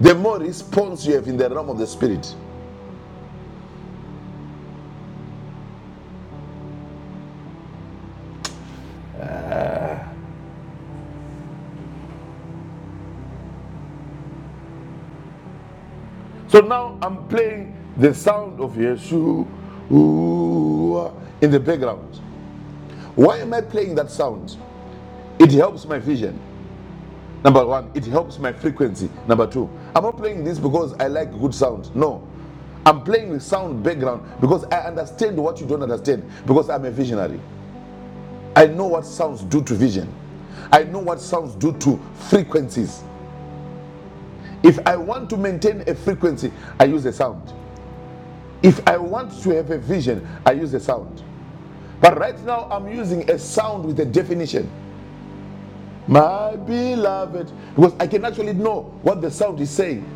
the more response you have in the realm of the spirit. So now I'm playing the sound of Yeshua in the background. Why am I playing that sound? It helps my vision. Number one, it helps my frequency. Number two, I'm not playing this because I like good sound. No. I'm playing with sound background because I understand what you don't understand because I'm a visionary. I know what sounds do to vision. I know what sounds do to frequencies. If I want to maintain a frequency, I use a sound. If I want to have a vision, I use a sound. But right now, I'm using a sound with a definition. My beloved, because I can actually know what the sound is saying.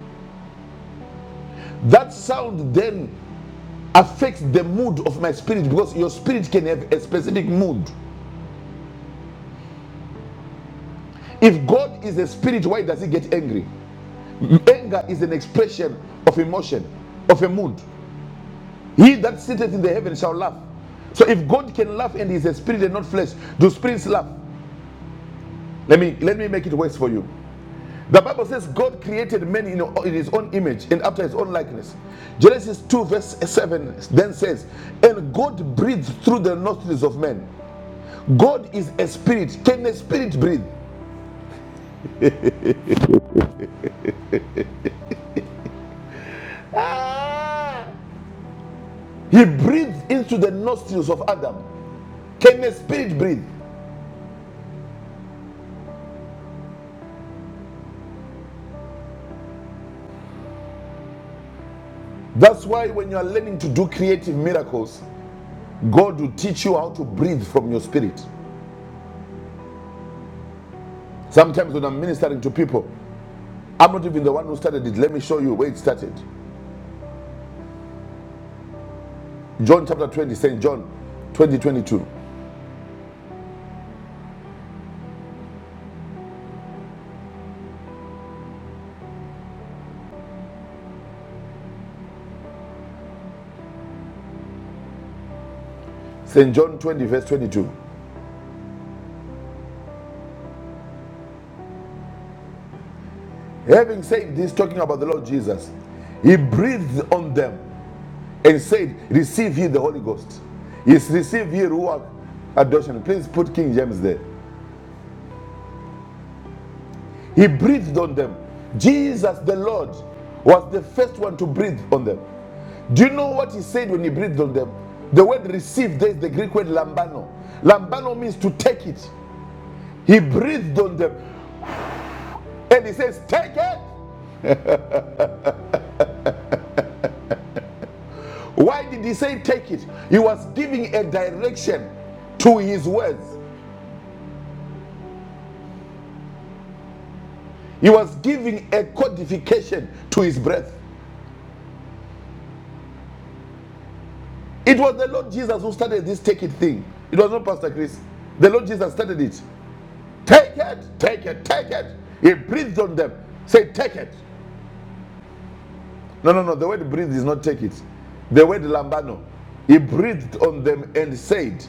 That sound then affects the mood of my spirit because your spirit can have a specific mood. If God is a spirit, why does he get angry? Anger is an expression of emotion, of a mood. He that sitteth in the heaven shall laugh. So if God can laugh and is a spirit and not flesh, do spirits laugh? Let me let me make it worse for you. The Bible says God created man in, in his own image and after his own likeness. Genesis 2, verse 7 then says, And God breathed through the nostrils of man. God is a spirit. Can a spirit breathe? Ah! He breathed into the nostrils of Adam. Can a spirit breathe? That's why when you are learning to do creative miracles, God will teach you how to breathe from your spirit. Sometimes when I'm ministering to people, I'm not even the one who started it. Let me show you where it started. John chapter 20, St. John twenty twenty-two, St. John 20, verse 22. Having said this, talking about the Lord Jesus, he breathed on them and said, Receive ye the Holy Ghost. Yes, receive ye Ruach adoption. Please put King James there. He breathed on them. Jesus the Lord was the first one to breathe on them. Do you know what he said when he breathed on them? The word receive, there is the Greek word lambano. Lambano means to take it. He breathed on them and he says, Take it. Why did he say take it? He was giving a direction to his words. He was giving a codification to his breath. It was the Lord Jesus who started this take it thing. It was not Pastor Chris. The Lord Jesus started it. Take it, take it, take it. He breathed on them. Say, take it. No, no, no. The word breathe is not take it. The word lambano. He breathed on them and said,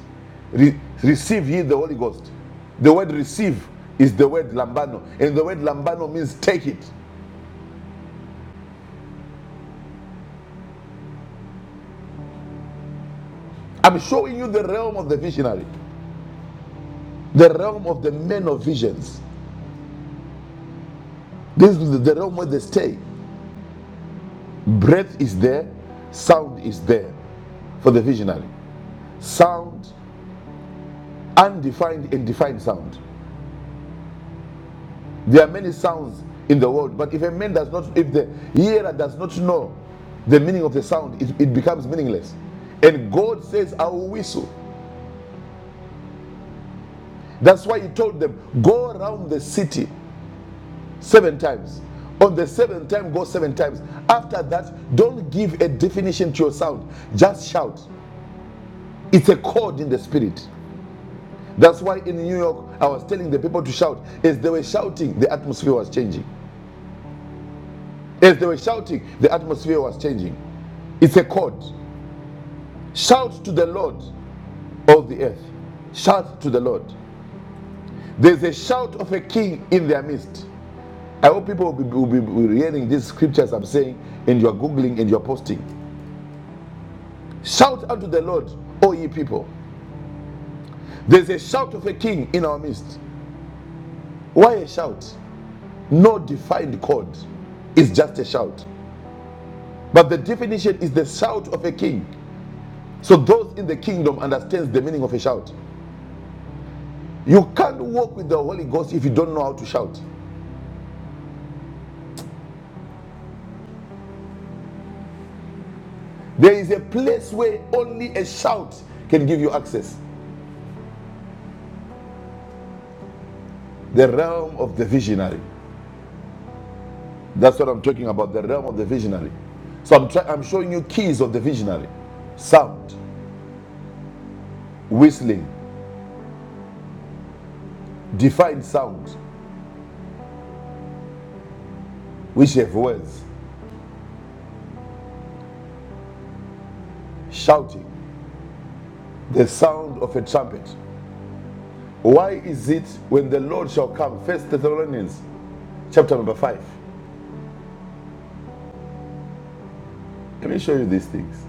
"Re- Receive ye the Holy Ghost. The word receive is the word lambano. And the word lambano means take it. I'm showing you the realm of the visionary, the realm of the men of visions. This is the the realm where they stay. Breath is there, sound is there for the visionary. Sound, undefined and defined sound. There are many sounds in the world, but if a man does not, if the hearer does not know the meaning of the sound, it, it becomes meaningless. And God says, I will whistle. That's why He told them, Go around the city seven times. On the seventh time, go seven times. After that, don't give a definition to your sound, just shout. It's a chord in the spirit. That's why in New York, I was telling the people to shout. As they were shouting, the atmosphere was changing. As they were shouting, the atmosphere was changing. It's a chord. Shout to the Lord, of the earth. Shout to the Lord. There's a shout of a king in their midst. I hope people will be, will be- will be hearing these scriptures I'm saying, and you're Googling and you're posting. Shout unto the Lord, O ye people. There's a shout of a king in our midst. Why a shout? No defined chord. It's just a shout. But the definition is the shout of a king. So those in the kingdom understands the meaning of a shout. You can't walk with the Holy Ghost if you don't know how to shout. There is a place where only a shout can give you access. The realm of the visionary. That's what I'm talking about, the realm of the visionary. So I'm, try- I'm showing you keys of the visionary. Sound, whistling, defined sound, which have words, shouting, the sound of a trumpet. Why is it when the Lord shall come, First Thessalonians chapter number 5. Let me show you these things.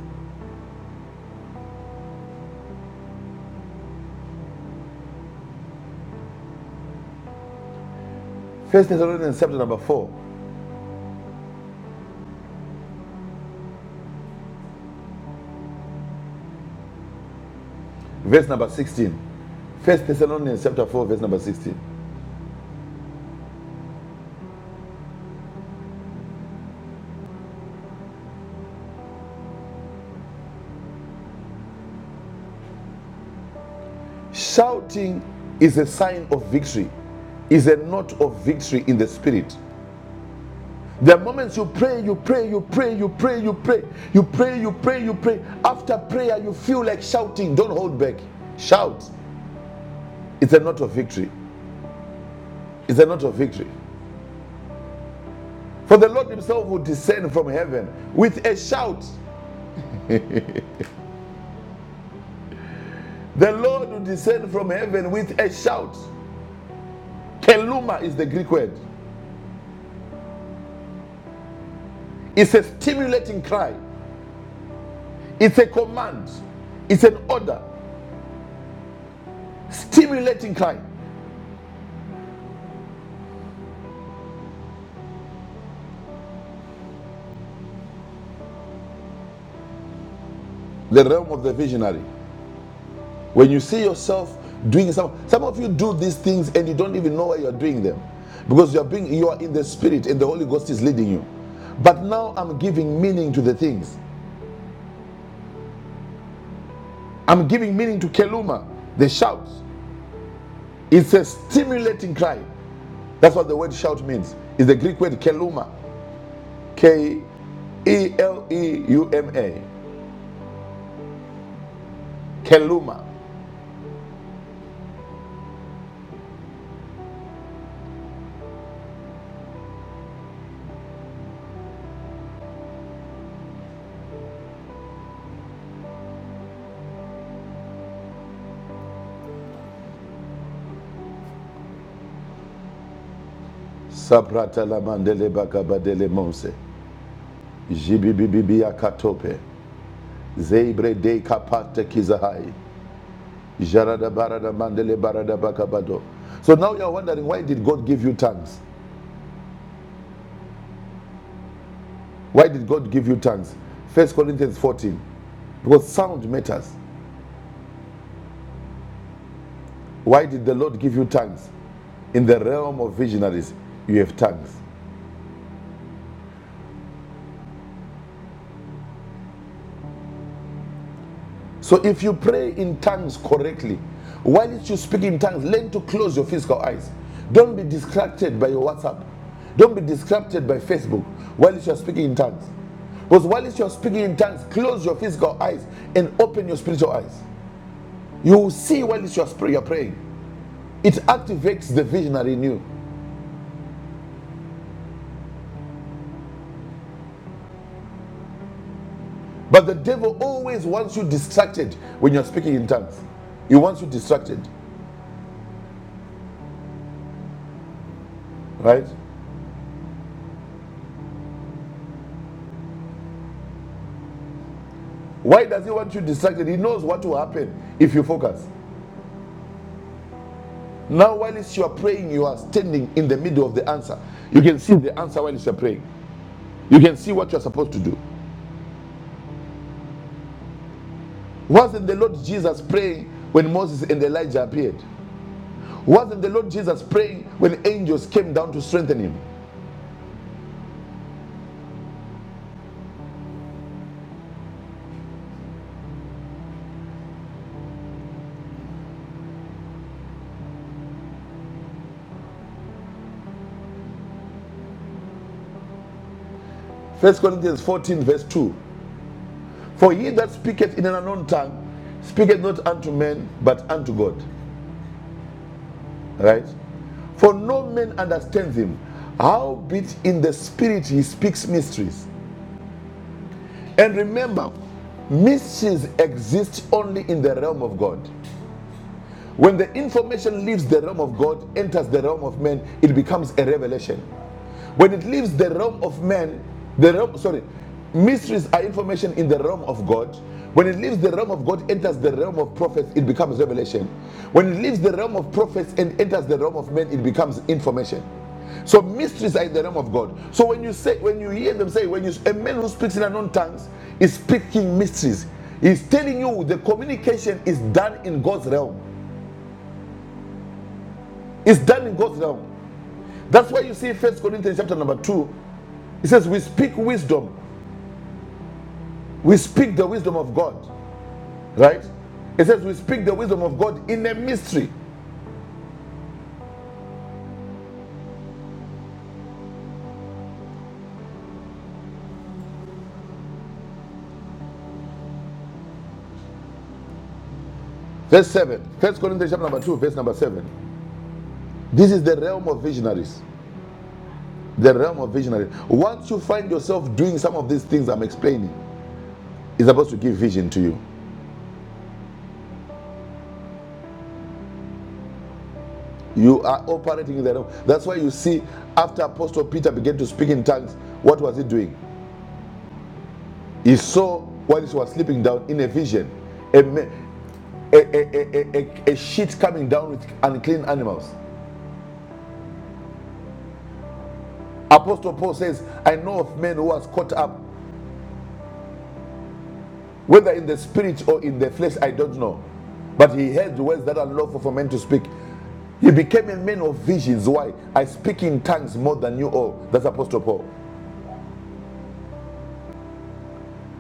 First Thessalonians chapter number 4, verse number 16. First Thessalonians chapter 4, verse number 16. Shouting is a sign of victory, is a note of victory in the spirit. There are moments you pray, you pray, you pray, you pray, you pray, you pray, you pray, you pray. After prayer, you feel like shouting. Don't hold back. Shout. It's a note of victory. It's a note of victory. For the Lord Himself will descend from heaven with a shout The Lord will descend from heaven with a shout. Keluma is the Greek word. It's a stimulating cry. It's a command. It's an order. Stimulating cry. The realm of the visionary. When you see yourself doing some, some of you do these things and you don't even know why you're doing them, because you are being you are in the spirit and the Holy Ghost is leading you. But now I'm giving meaning to the things. I'm giving meaning to Keluma, the shout. It's a stimulating cry. That's what the word shout means. It's the Greek word keluma. K E L E U M A. Keluma. Sabrata la mandele bakabadele monse. Jibibibibia katope. Zeibre de kapate kizahai. Jarada barada mandele barada bakabado. So now you're wondering why did God give you tongues? Why did God give you tongues? First Corinthians 14. Because sound matters. Why did the Lord give you tongues? In the realm of visionaries, you have tongues. So if you pray in tongues correctly, while you speak in tongues, learn to close your physical eyes. Don't be distracted by your WhatsApp. Don't be distracted by Facebook while you are speaking in tongues. Because while you are speaking in tongues, close your physical eyes and open your spiritual eyes. You will see while you are you are praying. It activates the visionary in you. But the devil always wants you distracted when you're speaking in tongues. He wants you distracted, right? Why does he want you distracted? He knows what will happen if you focus. Now, whilst you are praying, you are standing in the middle of the answer. You can see the answer while you are praying. You can see what you are supposed to do. Wasn't the Lord Jesus praying when Moses and Elijah appeared? Wasn't the Lord Jesus praying when angels came down to strengthen him? First Corinthians 14, verse 2. For he that speaketh in an unknown tongue speaketh not unto men, but unto God. Right? For no man understands him. Howbeit in the spirit he speaks mysteries. And remember, missions exist only in the realm of God. When the information leaves the realm of God, enters the realm of man, it becomes a revelation. When it leaves the realm of man, the realm, sorry, mysteries are information in the realm of God. When it leaves the realm of God, enters the realm of prophets, it becomes revelation. When it leaves the realm of prophets and enters the realm of men, it becomes information. So mysteries are in the realm of God. So when you say, when you hear them say, when you a man who speaks in unknown tongues is speaking mysteries. He's telling you the communication is done in God's realm. It's done in God's realm. That's why you see First Corinthians chapter number two. It says, "We speak wisdom. We speak the wisdom of God." Right? It says, "We speak the wisdom of God in a mystery." Verse seven. First Corinthians chapter number two, verse number seven. This is the realm of visionaries. The realm of visionaries. Once you find yourself doing some of these things I'm explaining, it's supposed to give vision to you. You are operating in the realm. That's why you see after Apostle Peter began to speak in tongues, what was he doing? He saw while he was sleeping down in a vision a, a, a, a, a, a- sheet coming down with unclean animals. Apostle Paul says, I know of men who was caught up, whether in the spirit or in the flesh, I don't know. But he heard words that are lawful for men to speak. He became a man of visions. Why? I speak in tongues more than you all. That's Apostle Paul.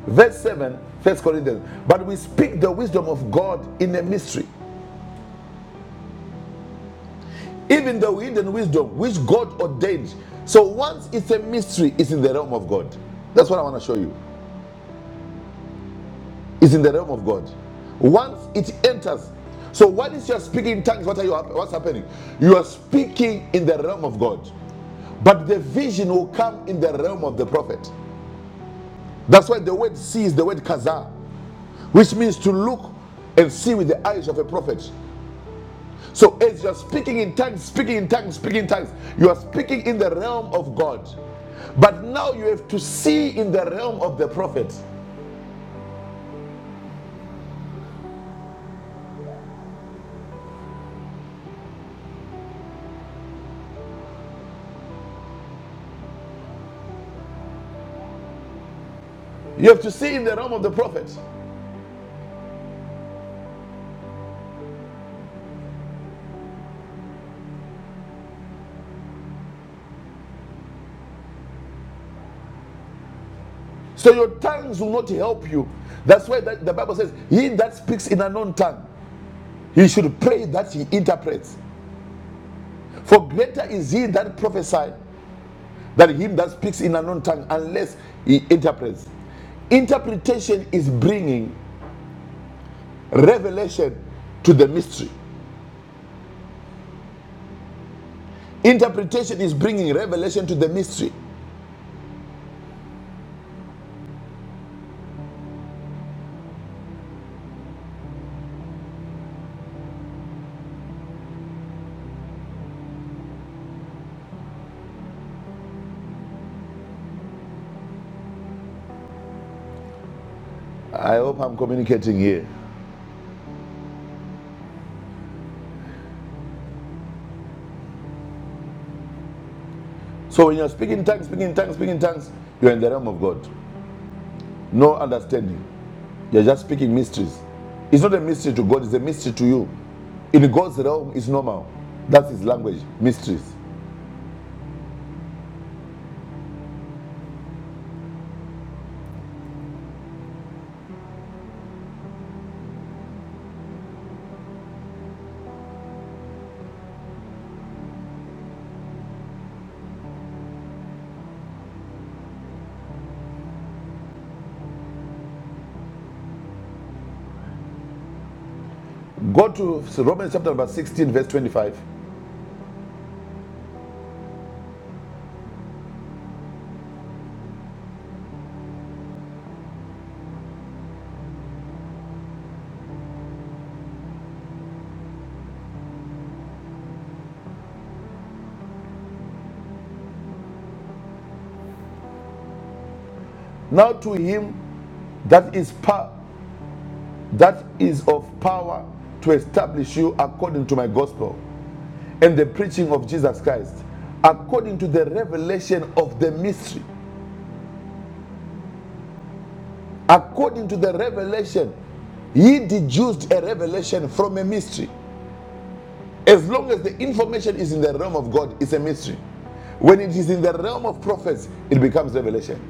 Verse 7, First Corinthians. But we speak the wisdom of God in a mystery, even the hidden wisdom which God ordained. So once it's a mystery, it's in the realm of God. That's what I want to show you. It's in the realm of God. Once it enters, so what is your speaking in tongues? What are you? What's happening? You are speaking in the realm of God, but the vision will come in the realm of the prophet. That's why the word see is the word kazah, which means to look and see with the eyes of a prophet. So as you're speaking in tongues, speaking in tongues, speaking in tongues, you are speaking in the realm of God. But now you have to see in the realm of the prophet. You have to see in the realm of the prophet. So your tongues will not help you. That's why the Bible says, He that speaks in an unknown tongue, he should pray that he interprets. For greater is he that prophesies than him that speaks in an unknown tongue, unless he interprets. Interpretation is bringing revelation to the mystery. Interpretation is bringing revelation to the mystery. I hope I'm communicating here. So when you're speaking tongues, speaking tongues, speaking tongues, you're in the realm of God. No understanding. You're just speaking mysteries. It's not a mystery to God, it's a mystery to you. In God's realm, it's normal. That's his language, mysteries. Go to Romans chapter number 16, verse 25. Now to him that is power, that is of power to establish you according to my gospel and the preaching of Jesus Christ, according to the revelation of the mystery. According to the revelation, he deduced a revelation from a mystery. As long as the information is in the realm of God, it's a mystery. When it is in the realm of prophets, it becomes revelation.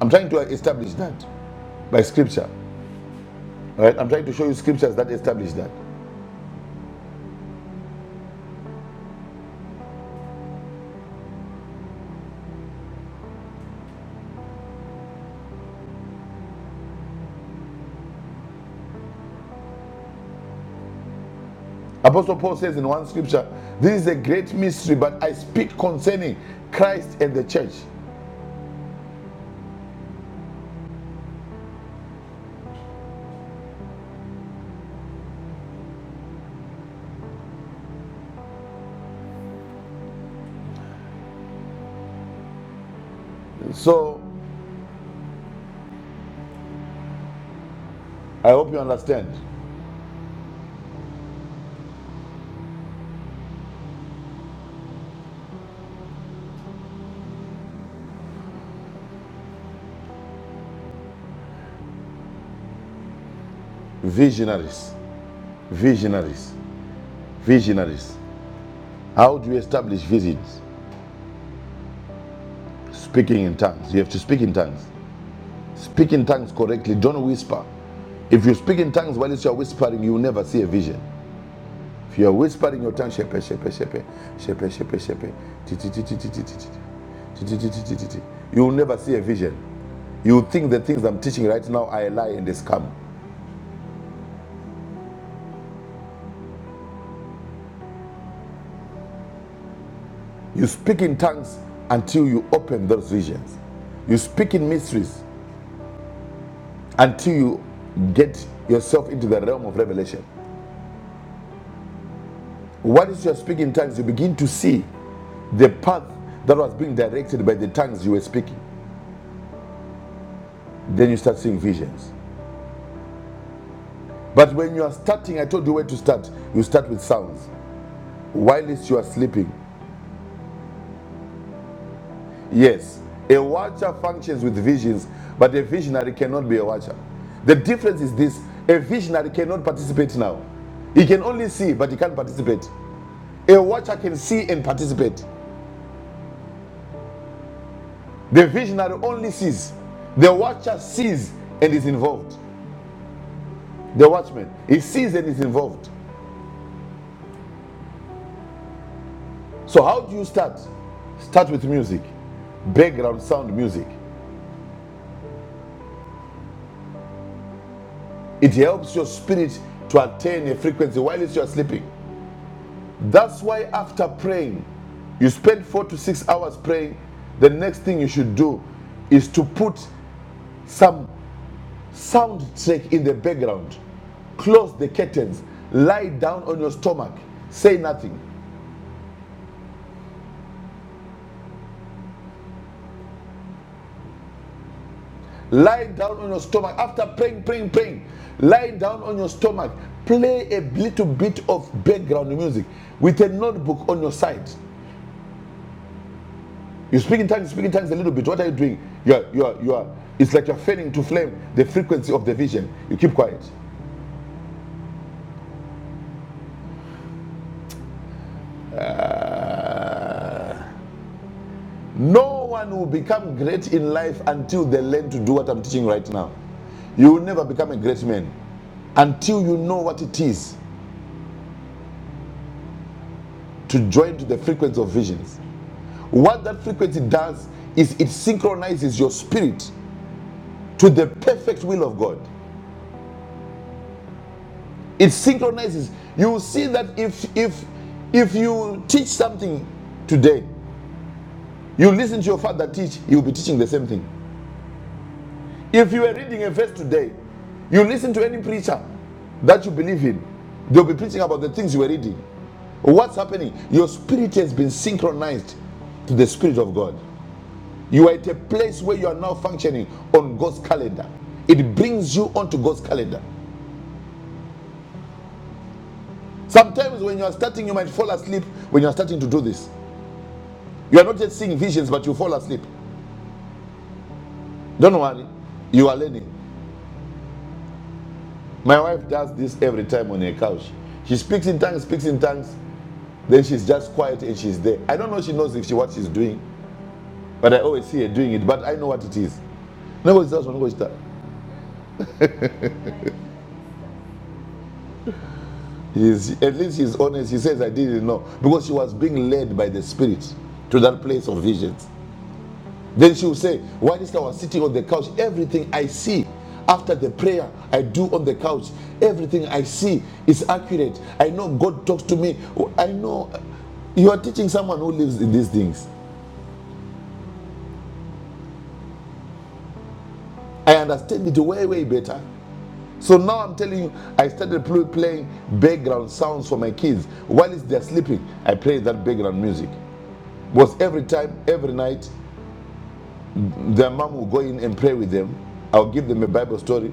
I'm trying to establish that by scripture. Right? right, I'm trying to show you scriptures that establish that. Apostle Paul says in one scripture, This is a great mystery, but I speak concerning Christ and the church. So I hope you understand. Visionaries, visionaries, visionaries. How do you establish visions? Speaking in tongues. You have to speak in tongues. Speak in tongues correctly. Don't whisper. If you speak in tongues while you are whispering, you will never see a vision. If you are whispering your tongue, shepe, shepe, shepe, shepe, shepe, shepe, ti, ti, ti, ti, ti, ti, ti, ti, ti, ti, ti, ti, ti, ti, ti. you will never see a vision. You will think the things I'm teaching right now are a lie and a scam. You speak in tongues until you open those visions. You speak in mysteries until you get yourself into the realm of revelation. Once you're speaking in tongues, you begin to see the path that was being directed by the tongues you were speaking. Then you start seeing visions. But when you are starting, I told you where to start. You start with sounds. While you are sleeping, yes, a watcher functions with visions, but a visionary cannot be a watcher. The difference is this a visionary cannot participate now. He can only see, but he can't participate. A watcher can see and participate. The visionary only sees. The watcher sees and is involved. The watchman, he sees and is involved. So, how do you start? Start with music, background sound music. It helps your spirit to attain a frequency while you are sleeping. That's why, after praying, you spend four to six hours praying. The next thing you should do is to put some soundtrack in the background close the curtains, lie down on your stomach, say nothing. Lie down on your stomach. After praying, praying, praying, lie down on your stomach. Play a little bit of background music with a notebook on your side. You speak in tongues, you speak in tongues a little bit. What are you doing? You are, you are, you are. It's like you're failing to flame the frequency of the vision. You keep quiet. Ah. no one will become great in life until they learn to do what I'm teaching right now. You will never become a great man until you know what it is to join to the frequency of visions. What that frequency does is it synchronizes your spirit to the perfect will of God. It synchronizes. You will see that if if if you teach something today, you listen to your father teach, you'll be teaching the same thing. If you are reading a verse today, you listen to any preacher that you believe in, they'll be preaching about the things you were reading. What's happening? Your spirit has been synchronized to the spirit of God. You are at a place where you are now functioning on God's calendar. It brings you onto God's calendar. Sometimes when you are starting, you might fall asleep when you are starting to do this. You are not yet seeing visions, but you fall asleep. Don't worry, you are learning. My wife does this every time on her couch. She speaks in tongues, speaks in tongues, then she's just quiet and she's there. I don't know if she knows if she what she's doing, but I always see her doing it, but I know what it is. He's, at least he's honest. He says, I didn't know. Because she was being led by the Spirit to that place of visions. Then she will say, While this guy was sitting on the couch, everything I see after the prayer I do on the couch, everything I see is accurate. I know God talks to me. I know you are teaching someone who lives in these things. I understand it way, way better. So now I'm telling you, I started playing background sounds for my kids. While they're sleeping, I play that background music. was every time, every night, their mom will go in and pray with them. I'll give them a Bible story.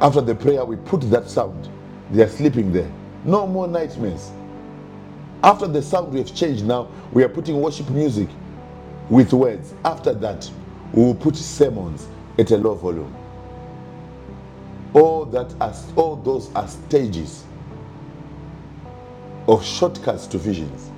After the prayer, we put that sound. They are sleeping there. No more nightmares. After the sound, we have changed now. We are putting worship music with words. After that, we will put sermons at a low volume. All that are, all those are stages of shortcuts to visions.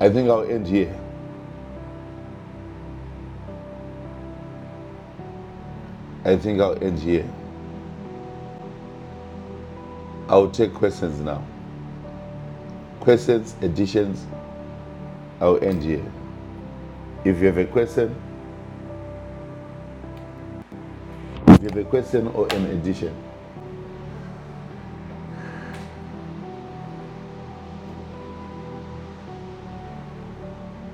I think I'll end here. I think I'll end here. I'll take questions now. Questions, additions, I'll end here. If you have a question, if you have a question or an addition,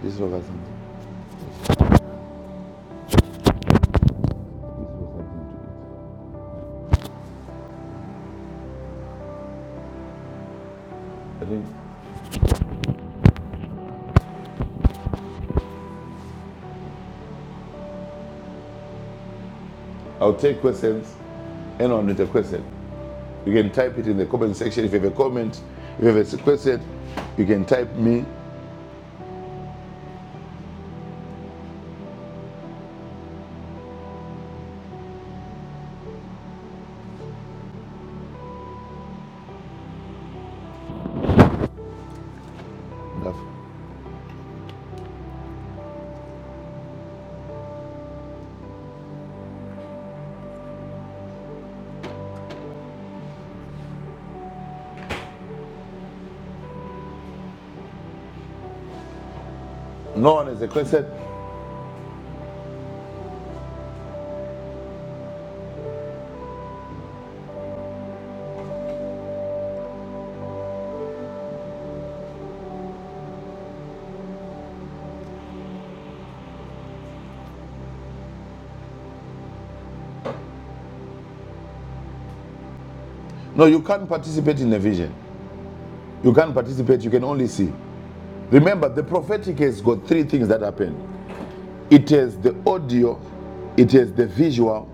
this was something. This was something to it. I think I'll take questions. Anyone with a question, you can type it in the comment section. If you have a comment, if you have a question, you can type me. No one has a question. No, you can't participate in a vision. You can't participate. You can only see. Remember, the prophetic has got three things that happen. It has the audio, it has the visual,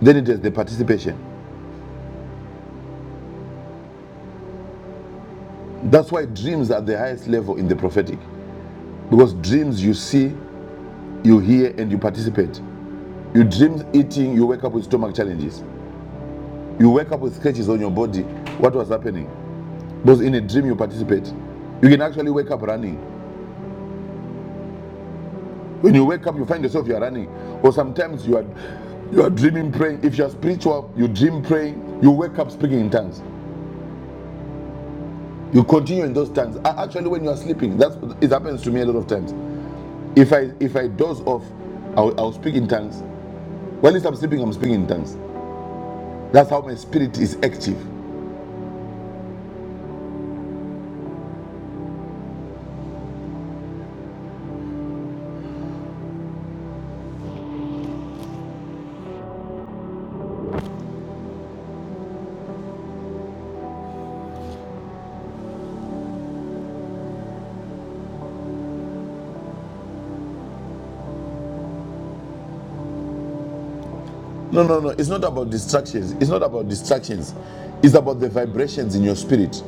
then it has the participation. That's why dreams are the highest level in the prophetic. Because dreams you see, you hear, and you participate. You dream eating, you wake up with stomach challenges. You wake up with scratches on your body. What was happening? Because in a dream you participate. You can actually wake up running. When you wake up, you find yourself you are running. Or sometimes you are you are dreaming praying. If you are spiritual, you dream praying, you wake up speaking in tongues. You continue in those tongues. Actually, when you are sleeping, that's it happens to me a lot of times. If I if I doze off, I'll, I'll speak in tongues. While I'm sleeping, I'm speaking in tongues. That's how my spirit is active. No, no, no. It's not about distractions. It's not about distractions. It's about the vibrations in your spirit.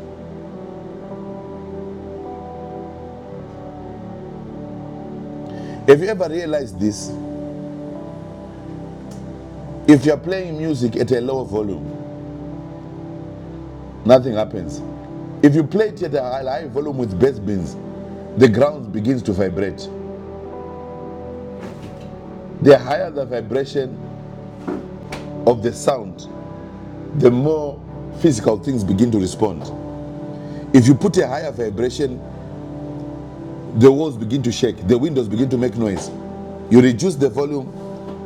Have you ever realized this? If you're playing music at a lower volume, nothing happens. If you play it at a high high volume with bass beats, the ground begins to vibrate. The higher the vibration of the sound, the more physical things begin to respond. If you put a higher vibration the walls begin to shake, the windows begin to make noise. You reduce the volume,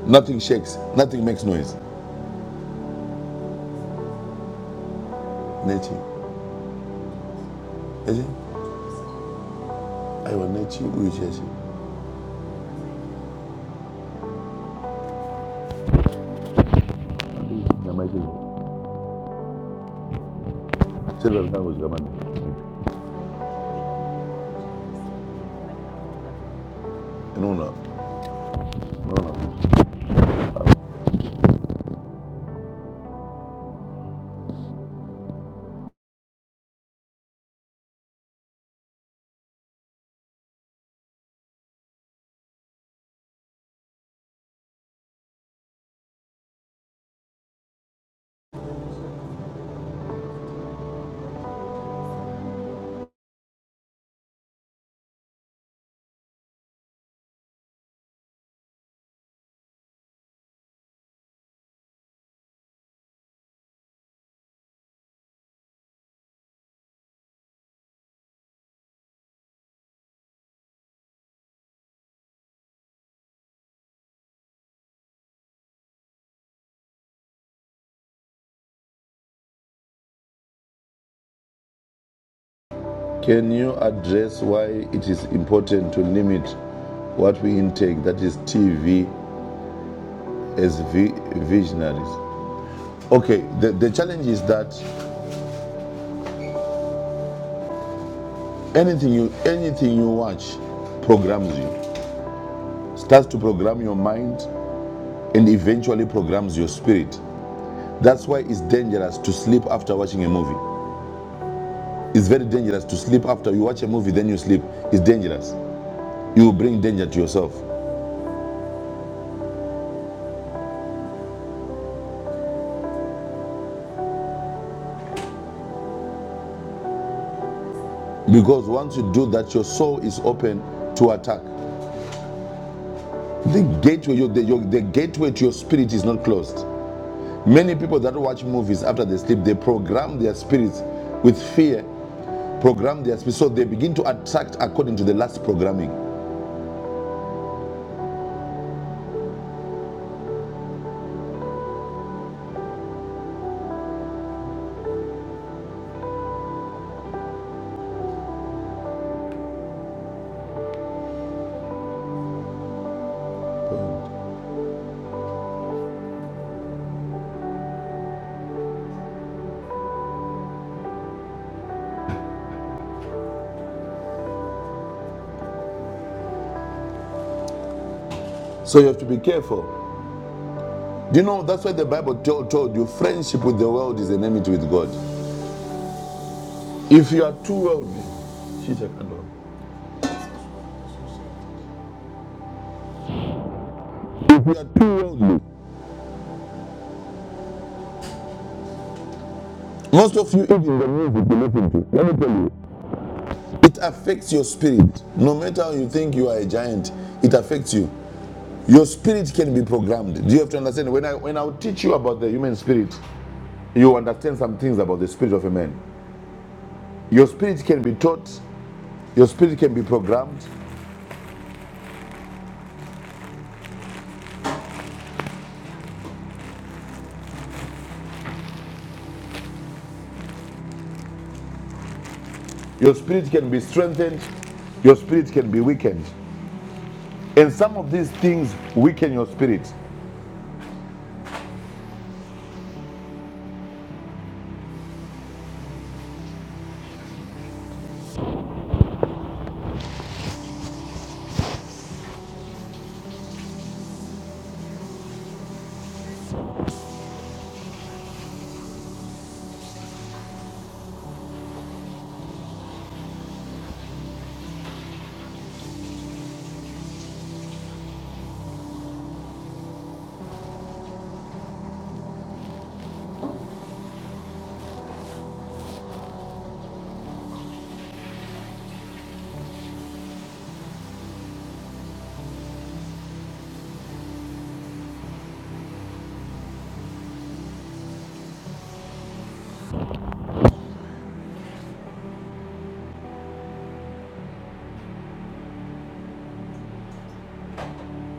nothing shakes, nothing makes noise. Nechi, I will Nechi, we Nechi. No, no, no, no. Can you address why it is important to limit what we intake, that is TV, as vi- visionaries? Okay, the, the challenge is that anything you anything you watch programs you, starts to program your mind, and eventually programs your spirit. That's why it's dangerous to sleep after watching a movie. It's very dangerous to sleep after you watch a movie, then you sleep. It's dangerous. You will bring danger to yourself. Because once you do that, your soul is open to attack. The gateway, your, the, your, the gateway to your spirit is not closed. Many people that watch movies after they sleep, they program their spirits with fear, program their spirits, so they begin to attract according to the last programming. So you have to be careful. You know, that's why the Bible told, told you friendship with the world is enmity with God. If you are too worldly, she's a candle. If you are too worldly, most of you even it affects your spirit. No matter how you think you are a giant, it affects you. Your spirit can be programmed. Do you have to understand? When I when I teach you about the human spirit, you understand some things about the spirit of a man. Your spirit can be taught, your spirit can be programmed, your spirit can be strengthened, your spirit can be weakened. And some of these things weaken your spirit.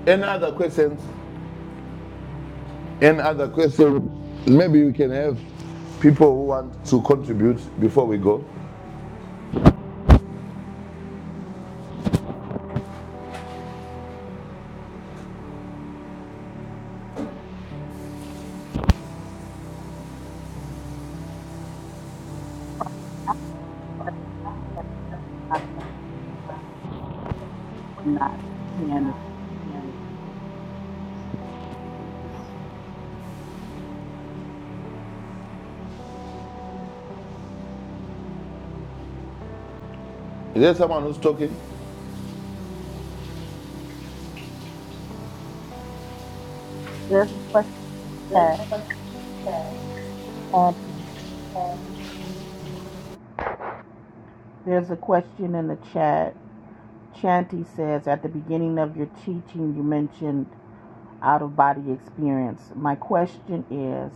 Any other questions? Any other question? Maybe we can have people who want to contribute before we go. Is there someone who's talking? There's a question in the chat. Shanti. There's a question in the chat. Shanti says, at the beginning of your teaching, you mentioned out of body experience. My question is,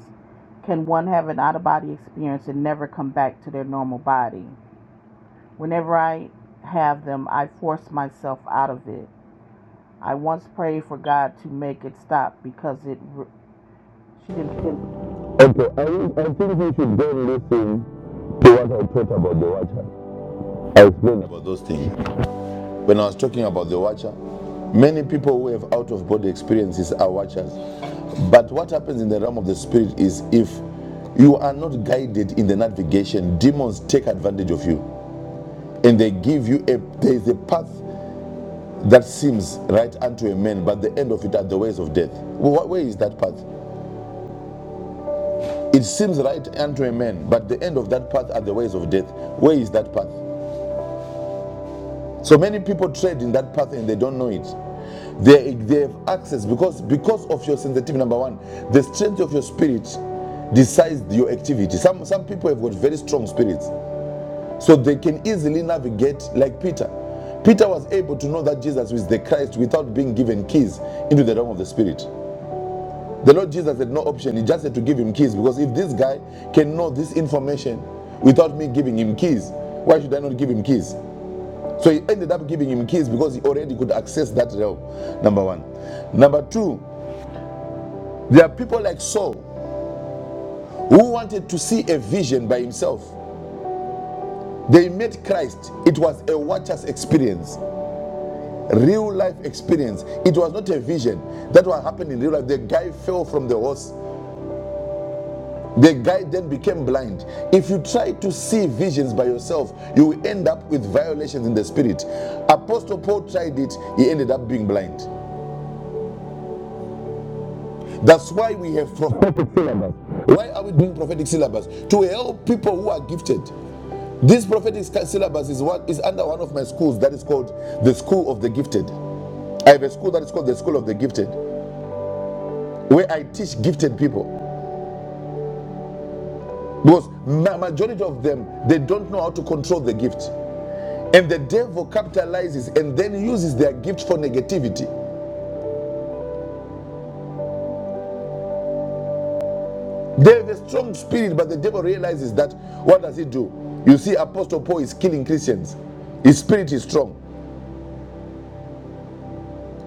can one have an out of body experience and never come back to their normal body? Whenever I have them, I force myself out of it. I once prayed for God to make it stop because it. she didn't. Okay, I, think- I think we should then listen to what I taught about the watcher. I explained about those things. When I was talking about the watcher, many people who have out of body experiences are watchers. But what happens in the realm of the spirit is if you are not guided in the navigation, demons take advantage of you. and they give you a there is a path that seems right unto a man but the end of it are the ways of death well, what way is that path it seems right unto a man but the end of that path are the ways of death where is that path so many people tread in that path and they don't know it they, they have access because because of your sensitivity number one the strength of your spirit decides your activity some some people have got very strong spirits so they can easily navigate like Peter. Peter was able to know that Jesus was the Christ without being given keys into the realm of the Spirit. The Lord Jesus had no option, He just had to give him keys because if this guy can know this information without me giving him keys, why should I not give him keys? So he ended up giving him keys because he already could access that realm. Number one. Number two, there are people like Saul who wanted to see a vision by himself. They met Christ. It was a watcher's experience. real life experience. It was not a vision. That what happened in real life. The guy fell from the horse. The guy then became blind. If you try to see visions by yourself, you will end up with violations in the spirit. Apostle Paul tried it, he ended up being blind. That's why we have prophetic syllabus. Why are we doing prophetic syllabus? To help people who are gifted. This prophetic syllabus is what is under one of my schools that is called the School of the Gifted. I have a school that is called the School of the Gifted, where I teach gifted people. Because ma- majority of them, they don't know how to control the gift. And the devil capitalizes and then uses their gift for negativity. They have a strong spirit, but the devil realizes that what does he do? You see, Apostle Paul is killing Christians. His spirit is strong.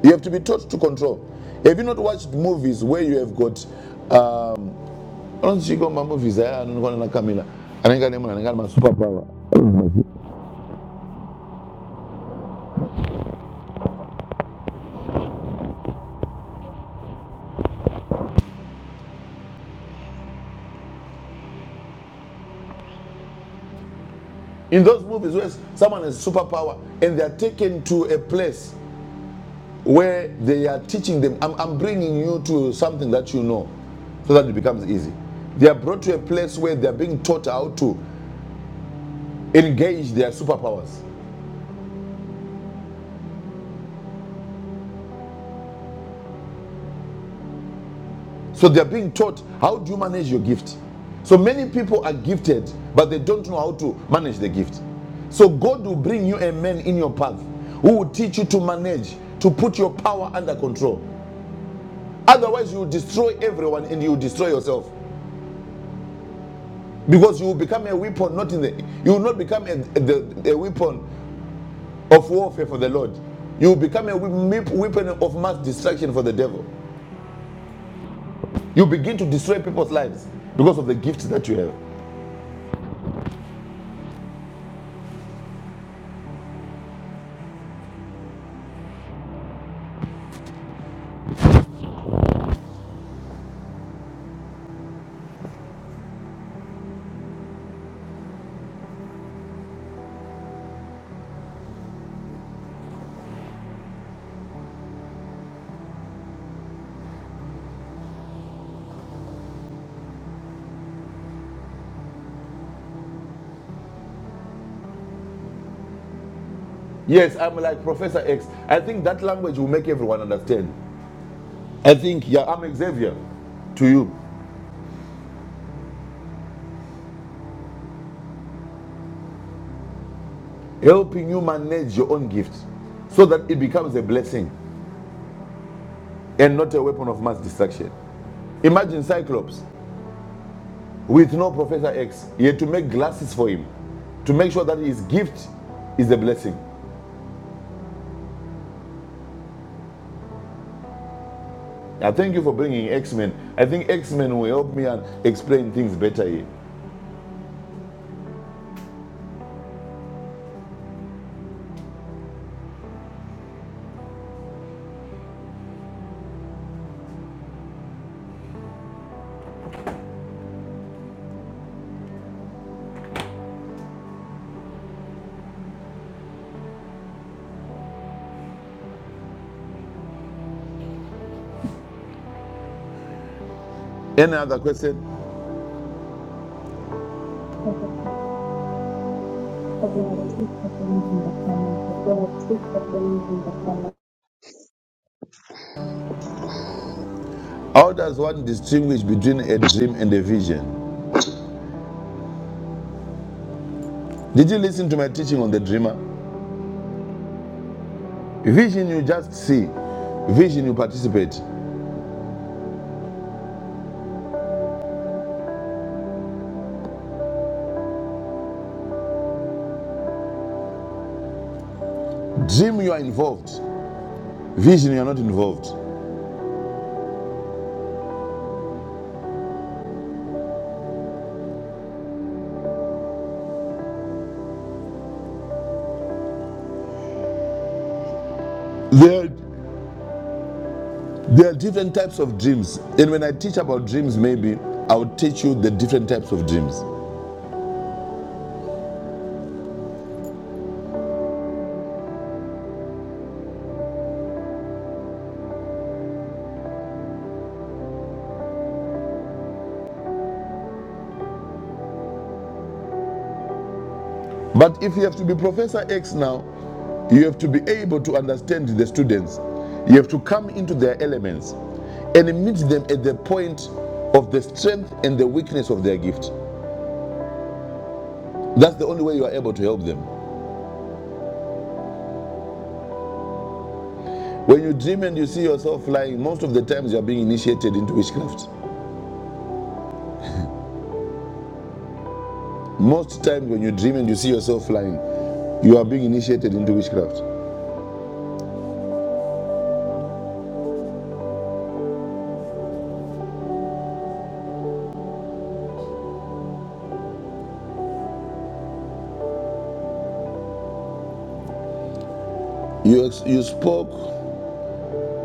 You have to be taught to control. Have you not watched movies where you have got um I don't think my movies eh? I don't na Camila, I ane munhu anenge ane masuperpower. In those movies where someone has superpower and they are taken to a place where they are teaching them. I'm, I'm bringing you to something that you know so that it becomes easy. They are brought to a place where they are being taught how to engage their superpowers. So they are being taught how do you manage your gift. So many people are gifted, but they don't know how to manage the gift. So God will bring you a man in your path who will teach you to manage, to put your power under control. Otherwise, you will destroy everyone and you will destroy yourself. because you will become a weapon not in the you will not become a, the, a weapon of warfare for the lord you will become a weapon of mass destruction for the devil you begin to destroy people's lives because of the gifts that you have yes i'm like professor x i think that language will make everyone understand i think yeah i'm xavier to you helping you manage your own gift so that it becomes a blessing and not a weapon of mass destruction imagine cyclops with no Professor X. He had to make glasses for him to make sure that his gift is a blessing. I thank you for bringing X Men. I think X Men will help me and explain things better here. Any other question? How does one distinguish between a dream and a vision? Did you listen to my teaching on the dreamer? Vision, you just see. Vision, you participate. Dream, you are involved. Vision, you are not involved. There There are different types of dreams. And when I teach about dreams, maybe I'll teach you the different types of dreams. But if you have to be Professor X now, you have to be able to understand the students. You have to come into their elements and meet them at the point of the strength and the weakness of their gift. That's the only way you are able to help them. When you dream and you see yourself flying, most of the times you are being initiated into witchcraft. Most times when you dream and you see yourself flying, you are being initiated into witchcraft. You, you spoke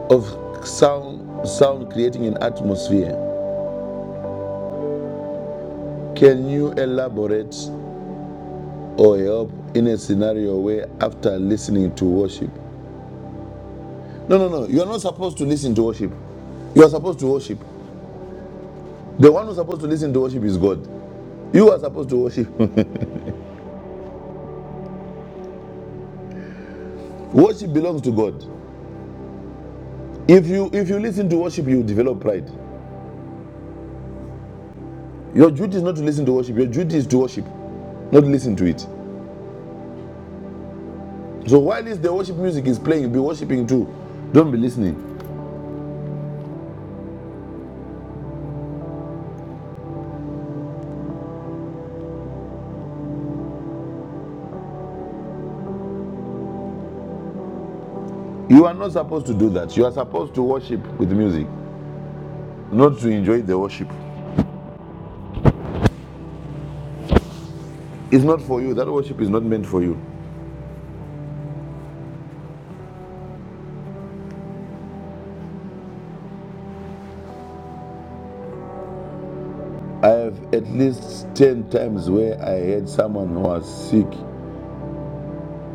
of sound, sound creating an atmosphere. Can you elaborate or help in a scenario where after listening to worship? No, no, no. You are not supposed to listen to worship. You are supposed to worship. The one who's supposed to listen to worship is God. You are supposed to worship. worship belongs to God. If you if you listen to worship, you develop pride. Your duty is not to listen to worship. Your duty is to worship, not listen to it. So while the worship music is playing, be worshiping too. Don't be listening. You are not supposed to do that. You are supposed to worship with music, not to enjoy the worship. It's not for you. That worship is not meant for you. I have at least 10 times where I had someone who was sick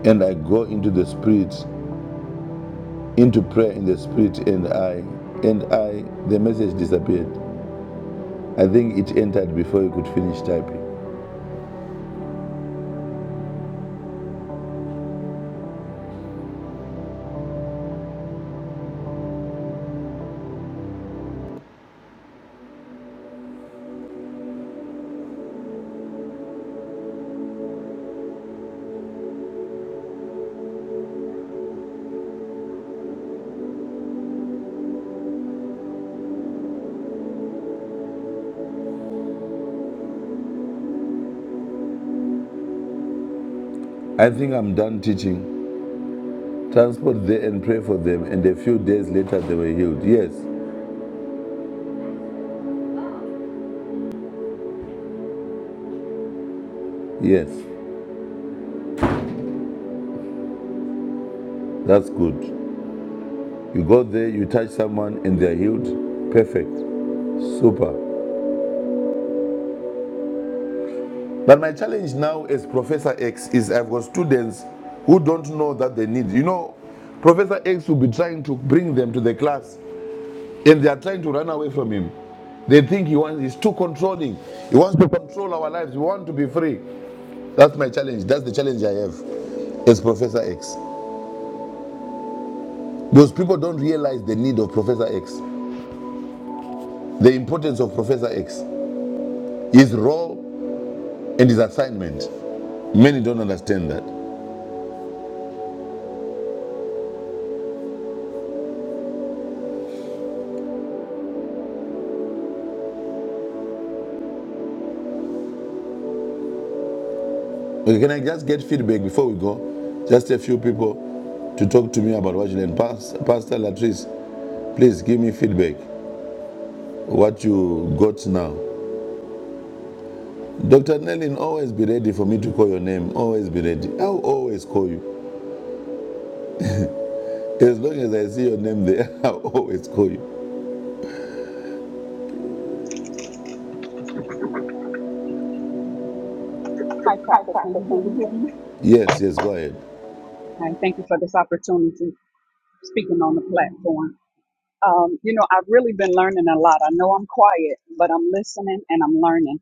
and I go into the spirit, into prayer in the spirit and I and I the message disappeared. I think it entered before you could finish typing. I think I'm done teaching. Transport there and pray for them and a few days later they were healed. Yes. Yes. That's good. You go there, you touch someone, and they're healed. Perfect. Super. But my challenge now as Professor X is I've got students who don't know that they need. You know, Professor X will be trying to bring them to the class, and they are trying to run away from him. They think he wants he's too controlling. He wants to control our lives. We want to be free. That's my challenge. That's the challenge I have as Professor X. Those people don't realize the need of Professor X, the importance of Professor X, his role and his assignment. Many don't understand that. Okay, can I just get feedback before we go? Just a few people to talk to me about what you learned. Pas- Pastor Latrice, please give me feedback. What you got now. Dr. Nellin, always be ready for me to call your name. Always be ready. I'll always call you. As long as I see your name there, I'll always call you. Hi, Prophet. Can you hear me? Yes, yes, go ahead. And thank you for this opportunity speaking on the platform. Um, you know, I've really been learning a lot. I know I'm quiet, but I'm listening and I'm learning.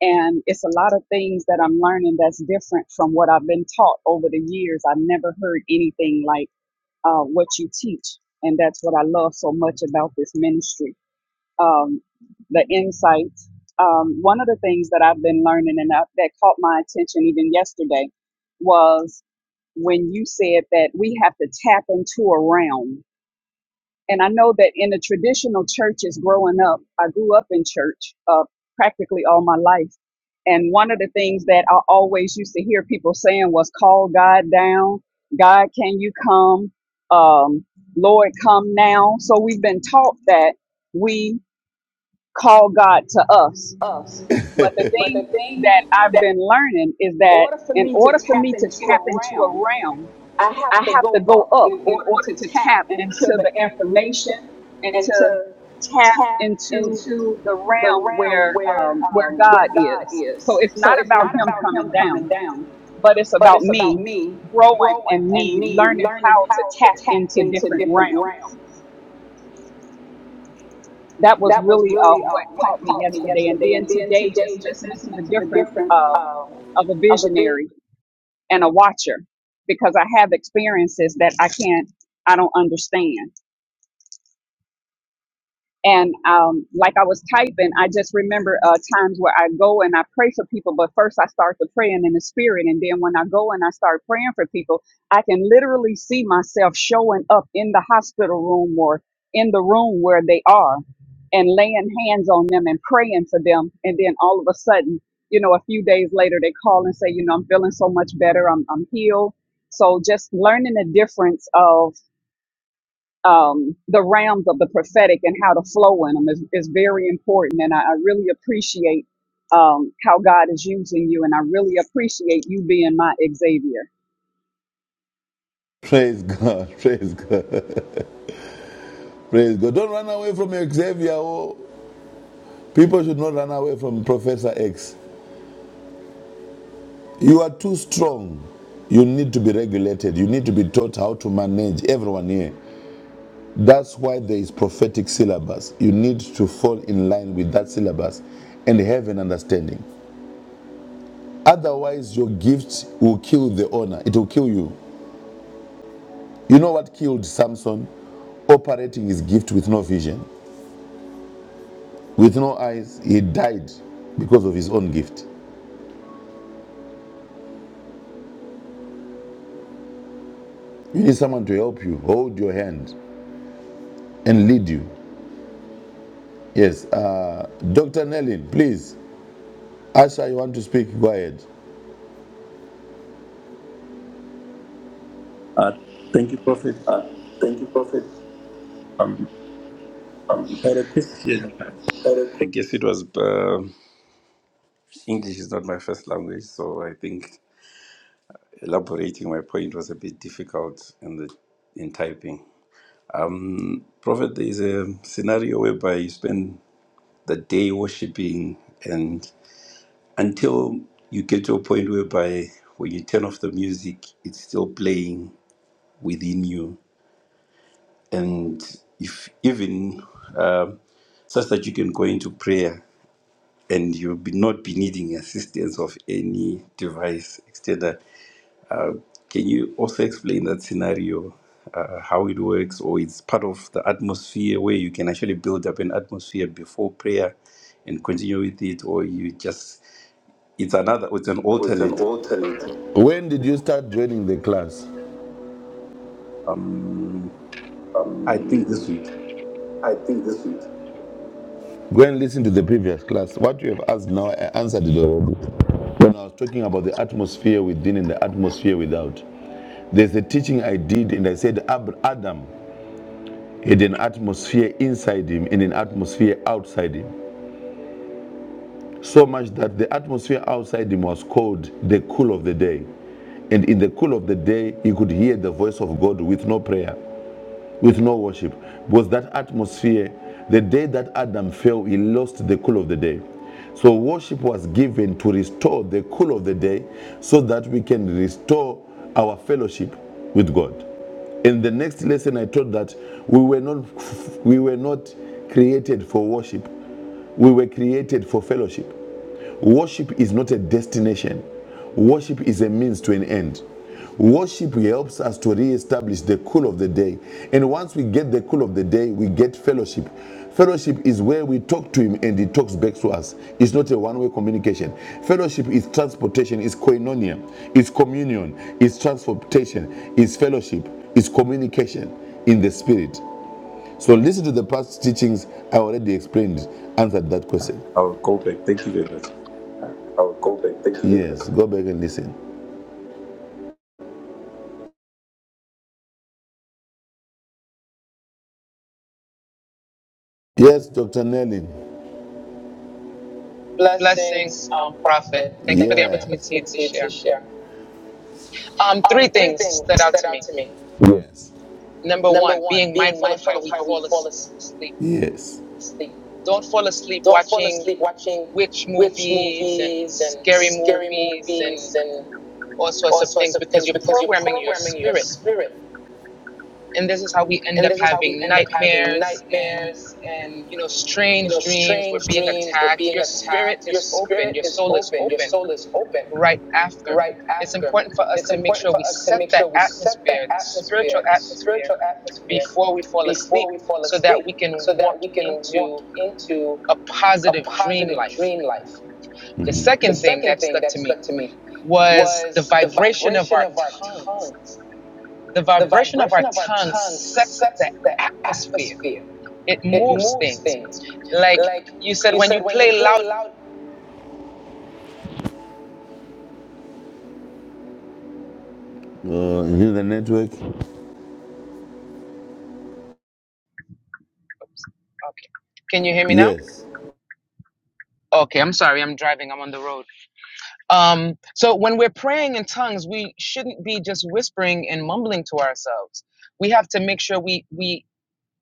And it's a lot of things that I'm learning that's different from what I've been taught over the years. I've never heard anything like uh, what you teach. And that's what I love so much about this ministry um, the insights. Um, one of the things that I've been learning and that that caught my attention even yesterday was when you said that we have to tap into a realm. And I know that in the traditional churches growing up, I grew up in church uh, practically all my life. And one of the things that I always used to hear people saying was, call God down. God, can you come? Um, Lord, come now. So we've been taught that we call God to us. us. But the thing that I've been learning is that For in me to, order for me to tap into a realm, I have I to have to go up in order to tap tap into into the the information information and and to to tap tap into to the realm where um, where God is. So is. it's not about Him coming down, down. but it's about me growing and me He learning learned. how to tap into different realms. That was really uh, what caught me yesterday, and then today just listening to the difference um, of a visionary and a watcher because I have experiences that I can't, I don't understand And um, like I was typing, I just remember uh, times where I go and I pray for people, but first I start to praying in the spirit. And then when I go and I start praying for people, I can literally see myself showing up in the hospital room or in the room where they are and laying hands on them and praying for them. And then all of a sudden, you know, a few days later, they call and say, you know, I'm feeling so much better. I'm, I'm healed. So just learning the difference of um, the realms of the prophetic and how to flow in them is, is very important. And I, I really appreciate um, how God is using you, and I really appreciate you being my Xavier. Praise God. Praise God. Praise God. Don't run away from Xavier. Oh, people should not run away from Professor X. You are too strong. You need to be regulated. You need to be taught how to manage everyone here. That's why there is prophetic syllabus. You need to fall in line with that syllabus and have an understanding. Otherwise, your gift will kill the honor. It will kill you. You know what killed Samson? operating his gift with no vision, with no eyes. He died because of his own gift. You need someone to help you, hold your hand, and lead you. Yes, uh, Dr. Nellin, please. Asha, you want to speak? Go ahead. Uh, thank you, Prophet. Thank you, Prophet. I'm quite a Christian. I guess it was uh, English is not my first language, so I think elaborating my point was a bit difficult in the in typing. Prophet, there is a scenario whereby you spend the day worshiping, and until you get to a point whereby when you turn off the music, it's still playing within you, and if even um such that you can go into prayer and you'll be not be needing assistance of any device extender. Can you also explain that scenario, uh, how it works, or it's part of the atmosphere where you can actually build up an atmosphere before prayer and continue with it, or you just it's another it's an With an alternate. alternate, When did you start joining the class? Um, I think this week I think this week. Go and listen to the previous class. What you have asked now, I answered it already. When I was talking about the atmosphere within and the atmosphere without, there's a teaching I did, and I said Adam. Had an atmosphere inside him and an atmosphere outside him. So much that the atmosphere outside him was called the cool of the day. And in the cool of the day, he could hear the voice of God with no prayer with no worship because that atmosphere the day that adam fell he lost the cool of the day so worship was given to restore the cool of the day so that we can restore our fellowship with god in the next lesson i taught that we were not we were not created for worship we were created for fellowship. Worship is not a destination, worship is a means to an end. Worship helps us to re-establish the cool of the day. And once we get the cool of the day, we get fellowship. Fellowship is where we talk to him and he talks back to us. It's not a one way communication. Fellowship is transportation, it's koinonia, it's communion, it's transportation, it's fellowship, it's communication in the spirit. So listen to the past teachings. I already explained, answered that question. I'll go back. Thank you very much. I will go back. Thank you. Yes, go back and listen. Yes, Dr. Nelly. Blessings, Blessings, um, um, Prophet. prophet. Thank you Yes. for the opportunity to share. Um, Um, three three things things stood out to me. to me. Yes. Number Number one, one, being mindful of how we fall asleep. Yes. sleep. Don't fall asleep watching witch witch movies and movies, scary scary movies, movies and and all sorts all of sorts things of because you're programming your spirit. spirits, And this is how we end up having nightmares and and you know you strange know, dreams. We're being strange attacked. Your spirit is dreams, open. Your soul is open right after. It's important for us to make sure we set the atmosphere, the spiritual spirit, atmosphere, spirit, before we fall asleep so that we can walk into into a positive a dream life. dreamland. The hmm The second second thing that stuck to me was the was vibration of our tongues. The the vibration vibrations of our tongues sets the that atmosphere, it it moves moves. things. Like Like you said, you when said, you when you play loud. Uh, is the network? Okay. Can you hear me now? Yes. Okay, I'm sorry, I'm driving, I'm on the road Um, so when we're praying in tongues, we shouldn't be just whispering and mumbling to ourselves. We have to make sure we we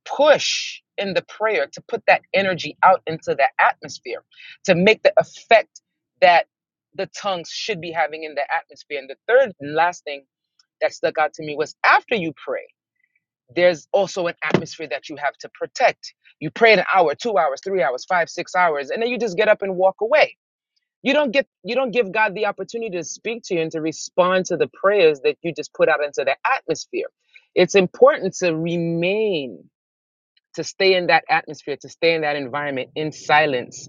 push in the prayer to put that energy out into the atmosphere to make the effect that the tongues should be having in the atmosphere. And the third and last thing that stuck out to me was after you pray, there's also an atmosphere that you have to protect. You pray an hour, two hours, three hours, five, six hours, and then you just get up and walk away you don't get you don't give God the opportunity to speak to you and to respond to the prayers that you just put out into the atmosphere. It's important to remain to stay in that atmosphere, to stay in that environment in silence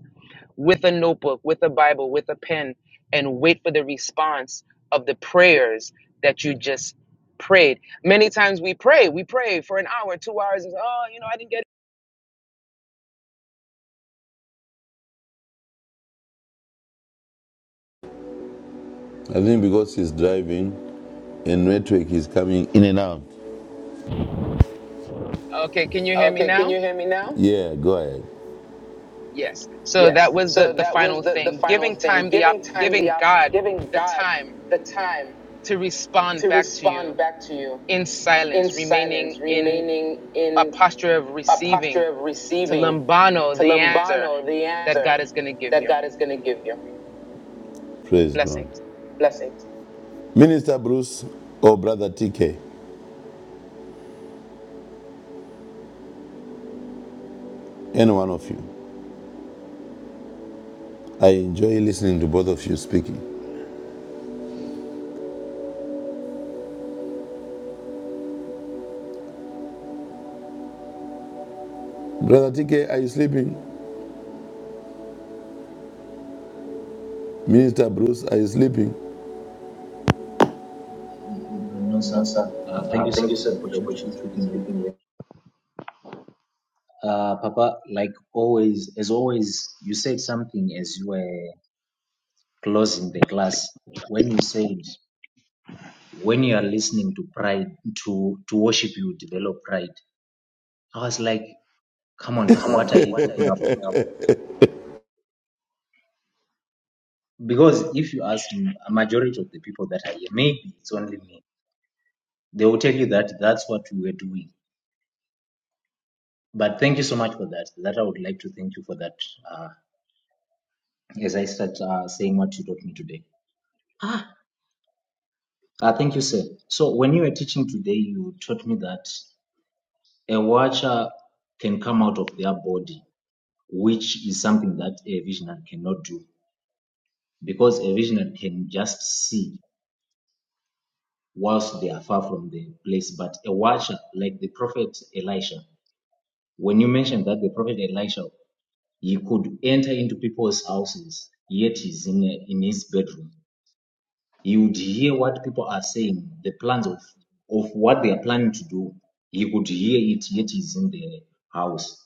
with a notebook, with a Bible, with a pen and wait for the response of the prayers that you just prayed. Many times we pray, we pray for an hour, 2 hours and oh, you know, I didn't get I think because he's driving and network is coming in and out. it. Okay, can you hear me okay, now? Yeah, go ahead. Yes. So yes. that was the So the, the final thing, giving time the op- giving God the time to to respond back to you to you, in silence, incense remaining in remaining a in posture of receiving posture of to receiving lambano to the lumbar answer that that God is going to give you. God is going to give you. Praise God. Blessings. Minister Bruce or Brother TK, any one of you. I enjoy listening to both of you speaking. Brother TK, are you sleeping? Minister Bruce, are you sleeping? No, sir. No, sir. Uh, thank Uh, you, sir, thank you, for sir, the for the opportunity to be opportunity to be speaking here. speaking here. Uh, Papa, like always, as always, you said something as you were closing the class when you said when you are listening to pride to to worship you develop pride i was like come on papa Come on now, what are you what are talking you about talking about? because if you ask m- a majority of the people that are here maybe it's only me they will tell you that that's what we were doing but thank you so much for that that i would like to thank you for that uh, as i start uh, saying what you taught me today ah uh, thank you sir so when you were teaching today you taught me that a watcher can come out of their body which is something that a visionary cannot do because a visionary can just see whilst they are far from the place. But a watcher, like the prophet Elisha, when you mentioned that the prophet Elisha, he could enter into people's houses, yet he's in, in his bedroom. He would hear what people are saying, the plans of, of what they are planning to do. He could hear it, yet he's in the house.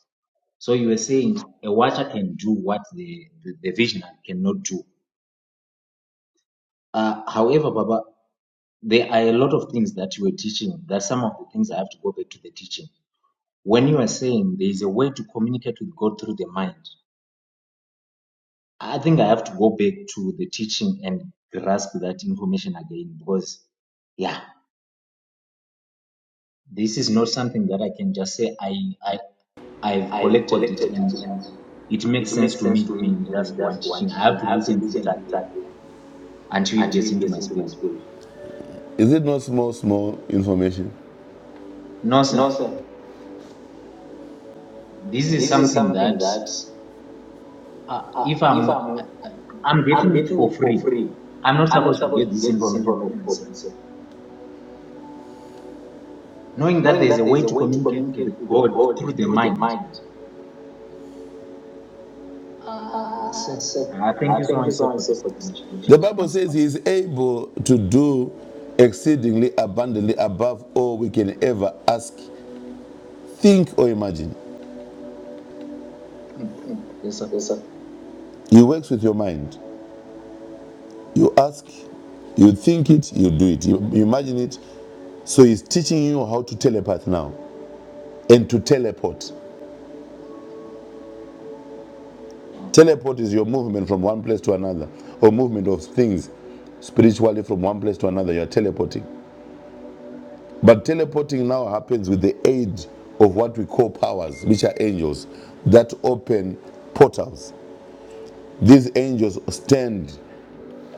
So you were saying a watcher can do what the, the, the visionary cannot do Uh, however, Baba, there are a lot of things that you were teaching. That some of the things I have to go back to the teaching. When you are saying there is a way to communicate with God through the mind, I think I have to go back to the teaching and grasp that information again because, yeah, this is not something that I can just say I I I've collected it and it makes sense to me in just one teaching. I have to listen to it again until it gets into my spirit. Is it not small, small information? No, sir. This is something that uh, Ah, if I'm I'm getting it for free. I'm not supposed to get this information for free. sir. Knowing that there is a way to communicate with the God through the Through the mind. Ah, sir. ah, sir. Uh, thank you so Thank you much, sir, so much. for this information. Thank The you so Bible much, sir. says he is able to do exceedingly abundantly above all we can ever ask Think or imagine. Mm. Yes, sir. You work with your mind. You ask, you think it, you do it. You, you imagine it. So he's teaching you how to telepath now and to teleport. Uh, Teleport is your movement from one place to another or movement of things spiritually from one place to another. You're teleporting. But teleporting now happens with the aid of what we call powers, which are angels that open portals. These angels stand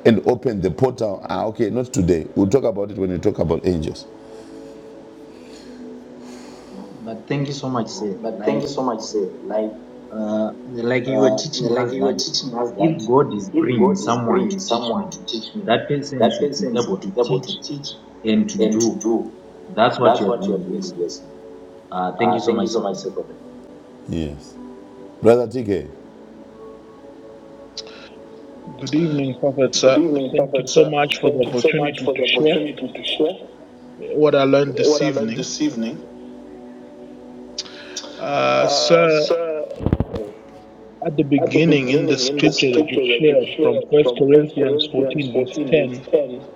and open the portal. Ah, okay, not today. We'll talk about it when we talk about angels. but thank you so much, sir. But thank Like, you so much, sir. Like, uh, like you were teaching us like you were that teaching us if that God is if bringing God someone to is teach someone me, to teach me, that person that should be person able should to be able teach to teach. and to do. That's what you are doing here, sir. Yes. Uh, thank you Uh, thank so much, sir, for that. you. Yes. Brother TK. Good evening, Prophet, Good sir. evening, Thank you Prophet, so sir. much for the opportunity for to the share opportunity to share what I learned this what I learned evening. this evening. Uh, Uh, sir, sir, at the beginning in the in the scripture that you scripture that you shared from read First from Corinthians Corinthians 14, verse 14, verse 10, 10,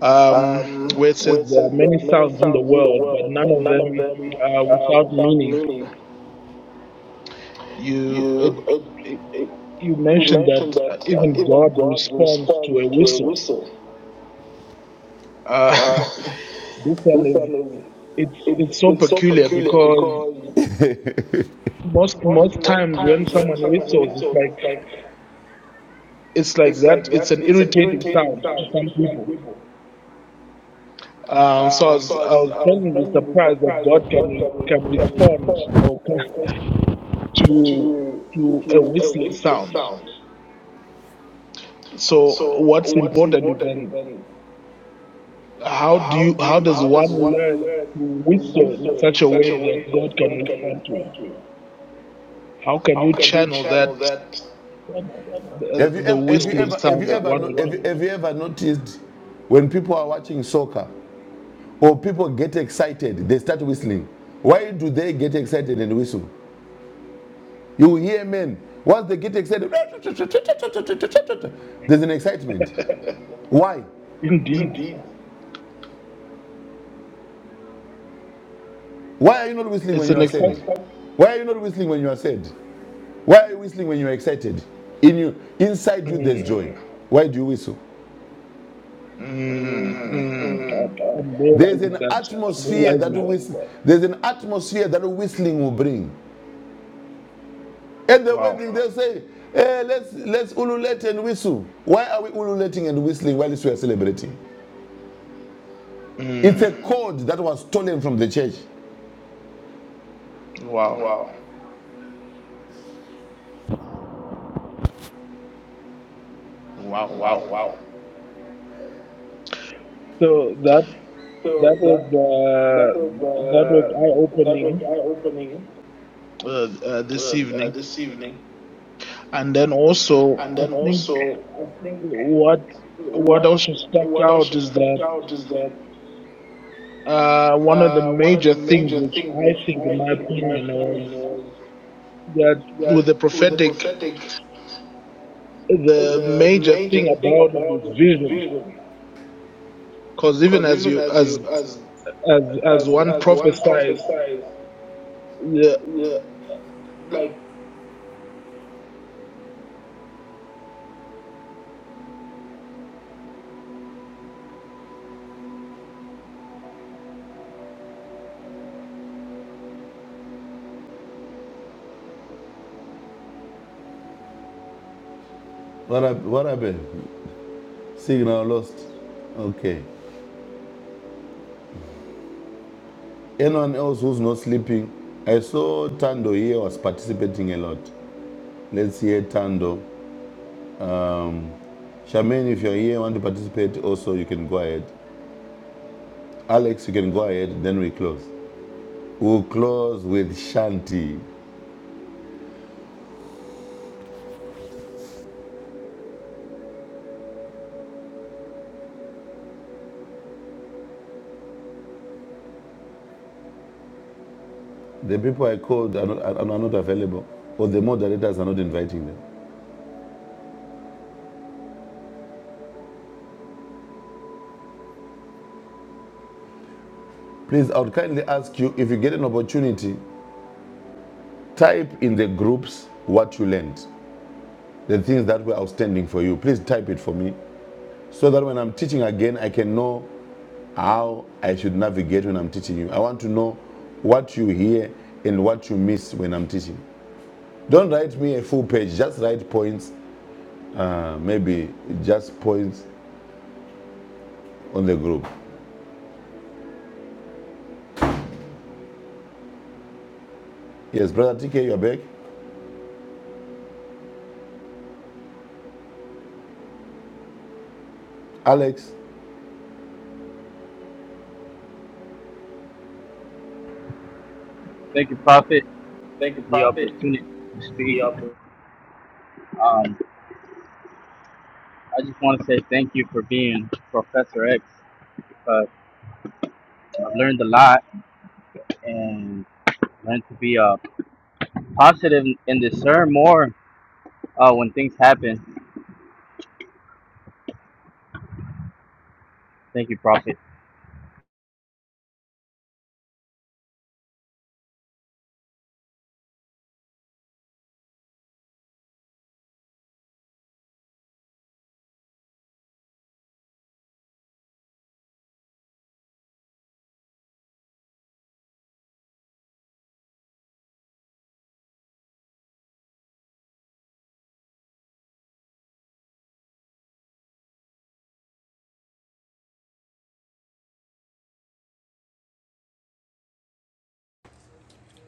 um, um, where it says where there are many sounds in the in the world, but world, none but of none of them them are uh, without meaning. You it, you uh, it, uh, you you mentioned mentioned that uh, uh, even God responds to a to a whistle. whistle. Uh, Uh, this this one is it's it's so peculiar because most most times when someone whistles, it's like it's like that. It's an irritating sound to some people Um, so I was, I was pleasantly surprised that God can re- can respond or can, to to a whistling sound. So what's important is then how do you how does one learn to whistle in such a way that God can respond to it? How can you channel that uh, Have you the ever, whistling ever, have sound you that ever, one would have you, make? have you ever noticed when people are watching soccer or people get excited, they start whistling? Why do they get excited and whistle? You hear men, once they get excited, there's an excitement. Why? Indeed, Why are you not whistling when it's you an are sad? exciting. Why are you not whistling when you are sad? Why are you whistling when you are excited? In you, inside you, there's joy. Why do you whistle? Mm, mm, I'm I'm There's realizing an that. I'm atmosphere that realizing that. there's an atmosphere that whistling will bring. At the wedding, they'll say, eh, let's let's ululate and whistle. Why are we ululating and whistling while we are celebrating? It's a code that was stolen from the church. Wow! Wow. Wow! Wow, Wow! wow. So that. That So that's was uh, that was the eye eye opening opening. uh, uh, this Uh, evening, this evening. and then also And I then think also, I think what what what also stuck what out is that about is that uh, one of the major things, which I think, in my my opinion, was was that with the that prophetic, the major thing about it is vision. Because even as you as as as one there's one prophesies, size, yeah, like What, hap- what happened? Signal lost. Okay. Anyone else who's not sleeping? I saw Tando here was participating a lot. Let's hear Tando. Charmaine, if you're here and want to participate, also you can go ahead. Alex, you can go ahead, then we close. We'll close with Shanti. The people I called are not, are are not available, or the moderators are not inviting them. Please, I would kindly ask you if you get an opportunity, type in the groups what you learned, the things that were outstanding for you. Please type it for me so that when I'm teaching again, I can know how I should navigate when I'm teaching you. I want to know what you hear and what you miss when I'm teaching. Don't write me a full page. Just write points. Uh, maybe just points on the group. Yes, brother TK, you're back. Alex, Thank you, Prophet, Thank you, for the Prophet. opportunity to speak. The upper. Um, I just want to say thank you for being Professor X because I've learned a lot and learned to be uh, positive and discern more uh, when things happen. Thank you, Prophet.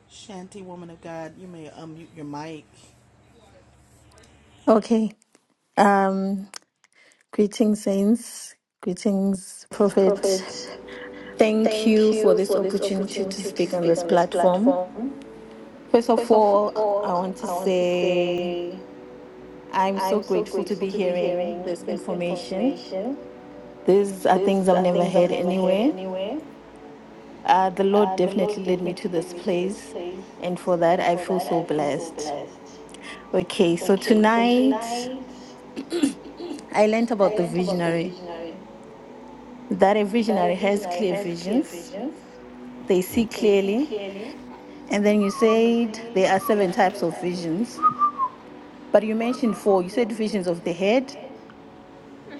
Shanty, woman of God, you may unmute your mic. Okay. Um, greetings, saints. Greetings, prophet. Thank you for this opportunity to speak on this platform. First of all, I want to say I'm so grateful to be hearing this information. These are things I've never heard anywhere. Uh, the Lord definitely led me to this place, and for that, I feel so blessed. Okay, so tonight I learned about the visionary, that a visionary has clear visions they see clearly. And then you said there are seven types of visions, but you mentioned four. You said visions of the head,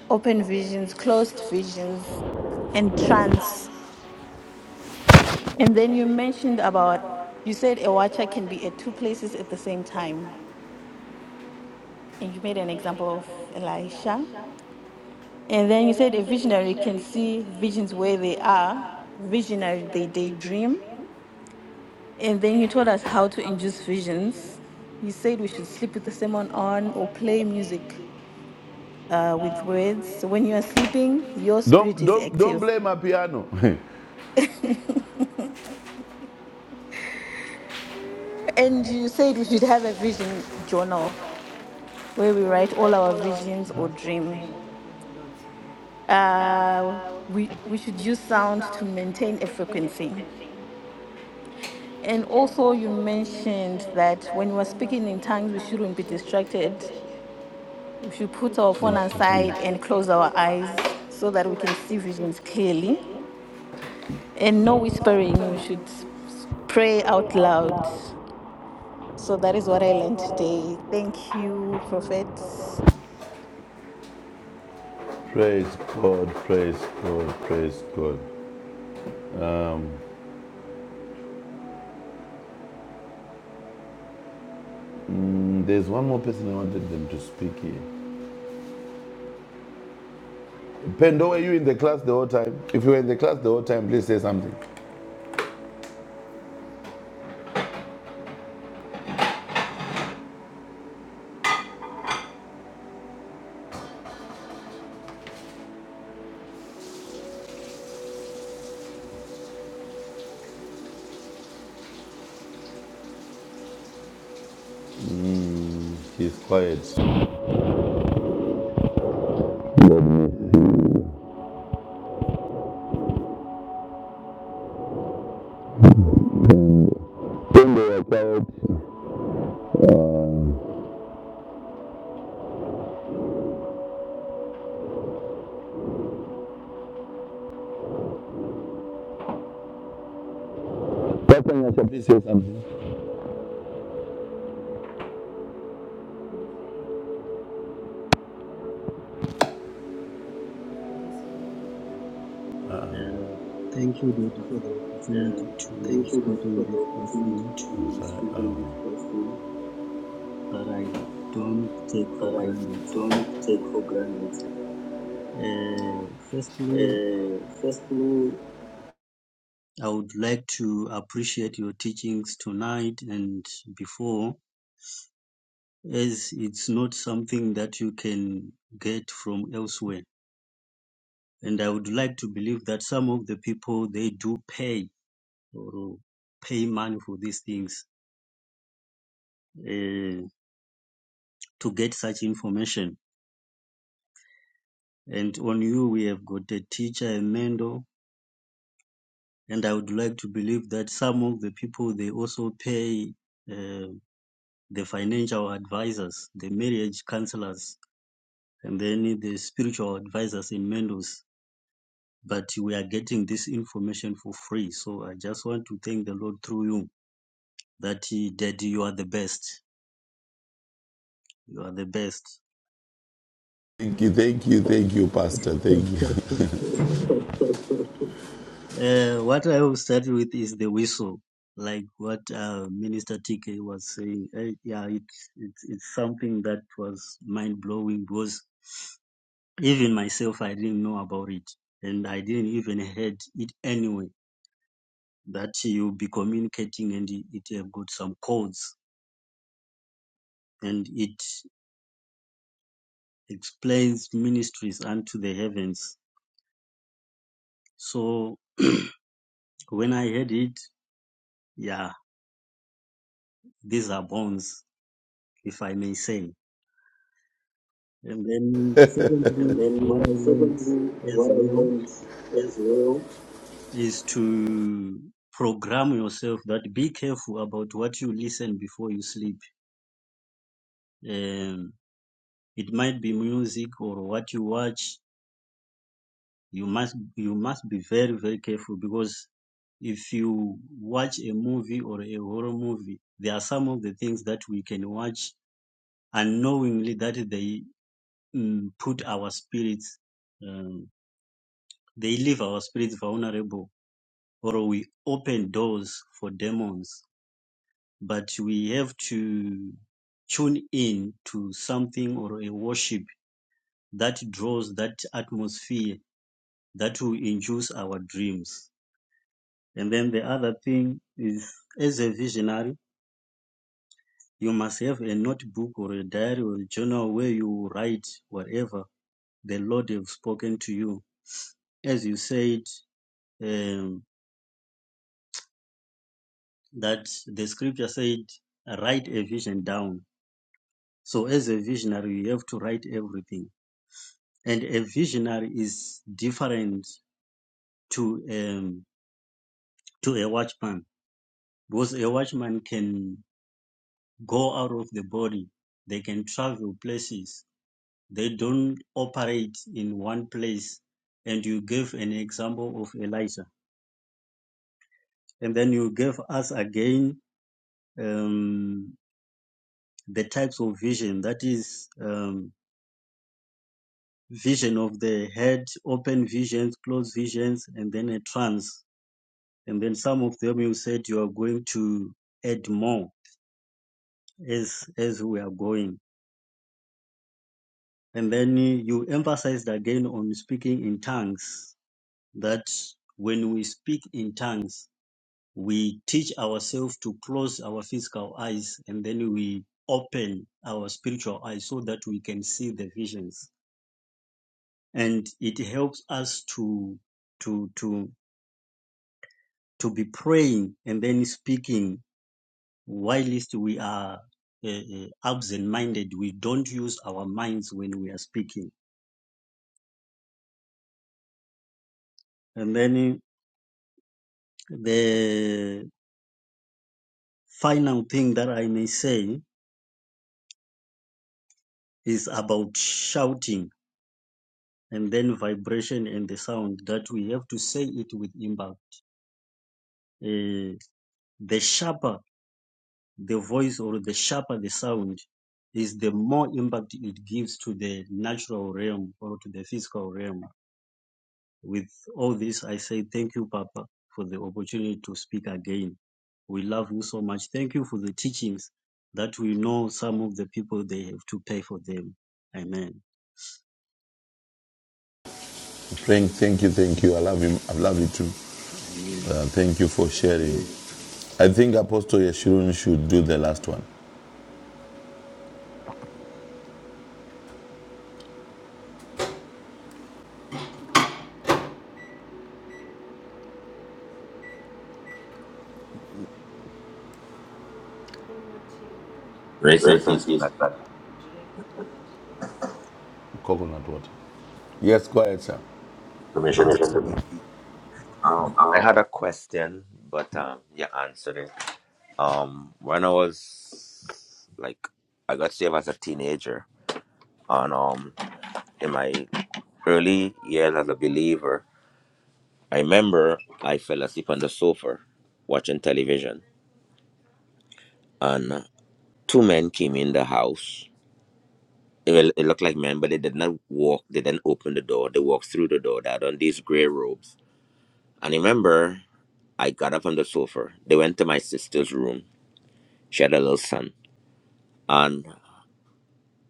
open visions, closed visions, and trance. And then you mentioned about, you said a watcher can be at two places at the same time. And you made an example of Elisha. And then you said a visionary can see visions where they are, visionary, they daydream. And then you taught us how to induce visions. You said we should sleep with the sermon on or play music uh, with words. So when you are sleeping, your spirit don't is don't don't active. blame my piano. And you said we should have a vision journal where we write all our visions or dream. Uh, we we should use sound to maintain a frequency. And also you mentioned that when we are speaking in tongues, we shouldn't be distracted We should put our phone Yes, aside yes. and close our eyes so that we can see visions clearly. And no whispering. We should s- s- pray out loud. So that is what I learned today. Thank you, Prophet. praise God, praise God, praise God. Mm, There's one more person I wanted them to speak here. Pendo, were you in the class the whole time? If you were in the class the whole time, please say something. Mm, he's quiet. God bless you. Pastor Nyasha, please say something. And thank you, Data, for the opportunity to speak on this platform that I don't take for granted. Uh, firstly, I would like to appreciate your teachings tonight and before, as it's not something that you can get from elsewhere. And I would like to believe that some of the people they do pay or pay money for these things uh, to get such information And on you, we have got a teacher, a mentor, and I would like to believe that some of the people they also pay uh, the financial advisors, the marriage counselors, and then the spiritual advisors and mentors. But we are getting this information for free. So I just want to thank the Lord through you that He, Daddy, you are the best. You are the best. Thank you, thank you, thank you, Pastor. Thank you. Uh, what I will start with is the whistle, like what uh, Minister TK was saying. Uh, yeah, it's it's it's something that was mind blowing because even myself I didn't know about it, and I didn't even heard it anyway. That you'll be communicating, and it, it have got some codes, and it explains ministries unto the heavens. So when I heard it, yeah, these are bones, if I may say And then secondly, what I learned Secondly, as what I well learned as well is to program yourself that be careful about what you listen before you sleep. Um, it might be music or what you watch. You must, you must be very, very careful because if you watch a movie or a horror movie, there are some of the things that we can watch unknowingly that they mm, put our spirits, um, they leave our spirits vulnerable or we open doors for demons, but we have to tune in to something or a worship that draws that atmosphere that will induce our dreams. And then the other thing is, as a visionary, you must have a notebook or a diary or a journal where you write whatever the Lord have spoken to you. As you said, um, that the scripture said, write a vision down So as a visionary, you have to write everything. And a visionary is different to um to a watchman because a watchman can go out of the body. They can travel places. They don't operate in one place. And you gave an example of Elijah. And then you gave us again um, the types of vision. That is um, vision of the head, open visions, closed visions, and then a trance And then some of them you said you are going to add more as as we are going. And then you emphasized again on speaking in tongues that when we speak in tongues, we teach ourselves to close our physical eyes and then we open our spiritual eyes so that we can see the visions. And it helps us to to to to be praying and then speaking whilst we are uh, uh, absent-minded, we don't use our minds when we are speaking. And then eh, the final thing that I may say is about shouting and then vibration and the sound that we have to say it with impact. Uh, the sharper the voice or the sharper the sound is, the more impact it gives to the natural realm or to the physical realm. With all this, I say thank you, Papa, for the opportunity to speak again. We love you so much. Thank you for the teachings that we know some of the people they have to pay for them. Amen. Frank, thank you, thank you. I love him. I love you too. Amen. Uh, thank you for sharing. I think Apostle Yeshurun should do the last one. Grace and Rest in peace. for peace, that Pastor. Coconut water. Yes, quiet, sir. Permission to speak. to- Um, I had a question, but um, you answered it. Um, when I was like, I got saved as a teenager, and um, in my early years as a believer, I remember I fell asleep on the sofa watching television, and two men came in the house. It, well, it looked like men, but they did not walk. They didn't open the door. They walked through the door. They had on these gray robes, and I remember. I got up from the sofa. They went to my sister's room. She had a little son. And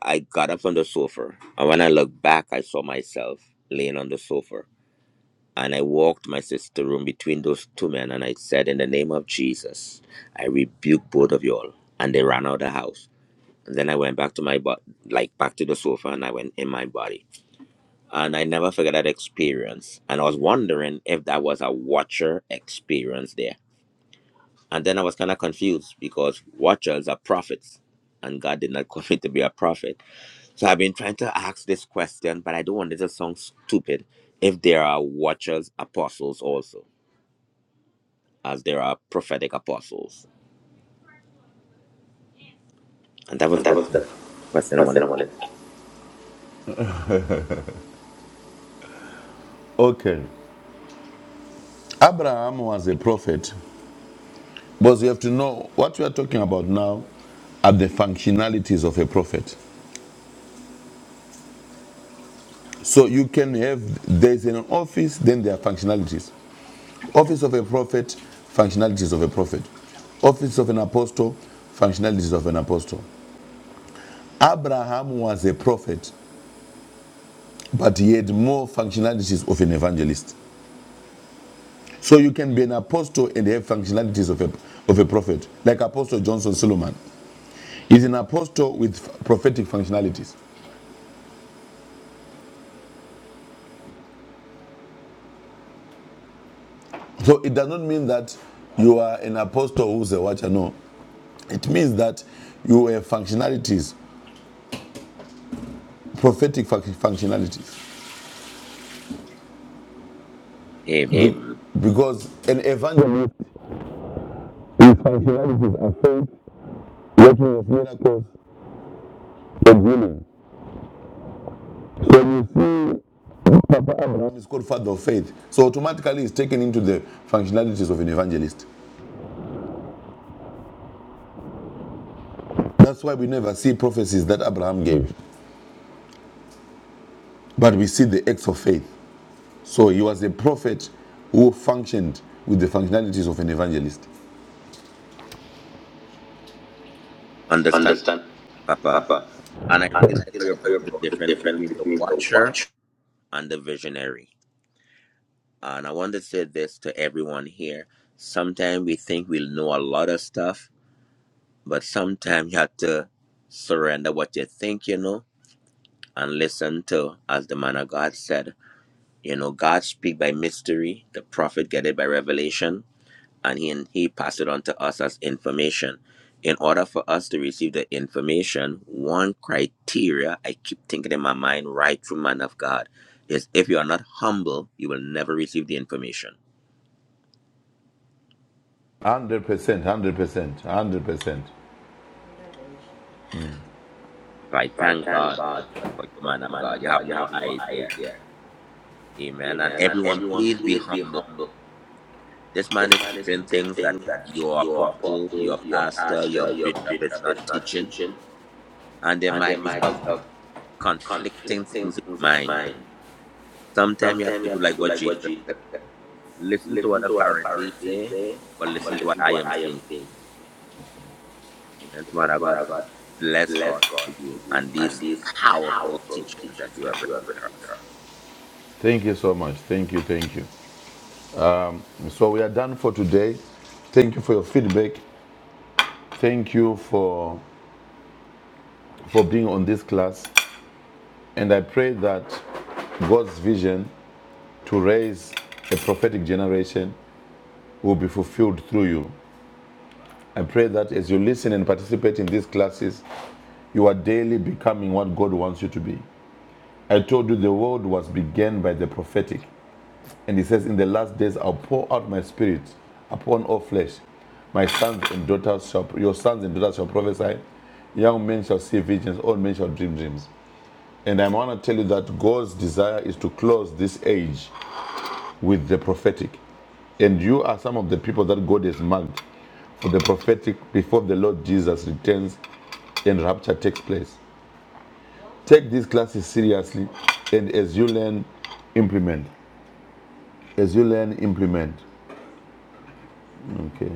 I got up from the sofa. And when I looked back, I saw myself laying on the sofa. And I walked my sister's room between those two men. And I said, In the name of Jesus, I rebuke both of y'all. And they ran out of the house. And then I went back to my body, like back to the sofa, and I went in my body. And I never forget that experience. And I was wondering if that was a watcher experience there And then I was kind of confused because watchers are prophets, and God did not call me to be a prophet. So I've been trying to ask this question, but I don't want it to sound stupid if there are watchers, apostles also, as there are prophetic apostles. And that was And that the was the question I Pastor wanted Amonet. Okay. Abraham was a prophet. But you have to know what you are talking about now are the functionalities of a prophet. So you can have, there's an office, then there are functionalities. Office of a prophet, functionalities of a prophet. Office of an apostle, functionalities of an apostle. Abraham was a prophet, but he had more functionalities of an evangelist. So you can be an apostle and have functionalities of a, of a prophet, like Apostle Johnson Solomon. He's an apostle with prophetic functionalities. So it does not mean that you are an apostle who's a watcher. No, it means that you have functionalities, prophetic functionalities. to Yeah. aim. Because an evangelist, his functionalities are faith, working of miracles, and healing. So you see, Papa Abraham is called father of faith. So automatically it's taken into the functionalities of an evangelist. That's why we never see prophecies that Abraham gave, but we see the acts of faith. So he was a prophet who functioned with the functionalities of an evangelist. Understand, Understand, Papa. Papa? And I And really I like how feel you like how you brought the brought the difference difference between the between the watcher watch. and the visionary. And I want to say this to everyone here. Sometimes we think we know a lot of stuff, But sometimes you have to surrender what you think, you know, and listen to, as the man of God said, you know, God speak by mystery, the prophet get it by revelation, and he he pass it on to us as information. In order for us to receive the information, one criteria I keep thinking in my mind right through man of God is if you are not humble, you will never receive the information. 100%, 100%, 100%. So I Right, thank thank God for, God for you, for man you, of man God. of You have God. You no have no idea. idea. Amen. And Amen. And everyone, everyone, please be please be humble. humble. This man This is man is teaching the same things that things that your your apostle, apostle, your your pastor, your pastor, your bishop is bishop is not not teaching. teaching, And there and there might be might some be some conflicting things conflicting in things in your his mind. mind. Sometimes you have Sometimes to you do have to like do what like Jesus what Jesus said. said. Listen to what Listen the to what the Pharisees Pharisees say, say, but but listen to what listen to I what am I am saying. saying. Amen. Listen Father to what God, I I got. bless Bless God God for you to you and and these these powerful powerful teachings that teachings you have that you bringing have to received. us. Thank you so much. Thank you. Thank you. So we are done for today. Thank you for your feedback. Thank you for for being on this class. And I pray that God's vision to raise a prophetic generation will be fulfilled through you. I pray that as you listen and participate in these classes, you are daily becoming what God wants you to be. I told you the world was began by the prophetic. And he says, In the last days, I'll pour out my spirit upon all flesh. My sons and daughters shall, your sons and daughters shall prophesy. Young men shall see visions, old men shall dream dreams. And I want to tell you that God's desire is to close this age with the prophetic. And you are some of the people that God has marked for the prophetic before the Lord Jesus returns and rapture takes place. Take these classes seriously, and as you learn, implement. As you learn, implement. Okay.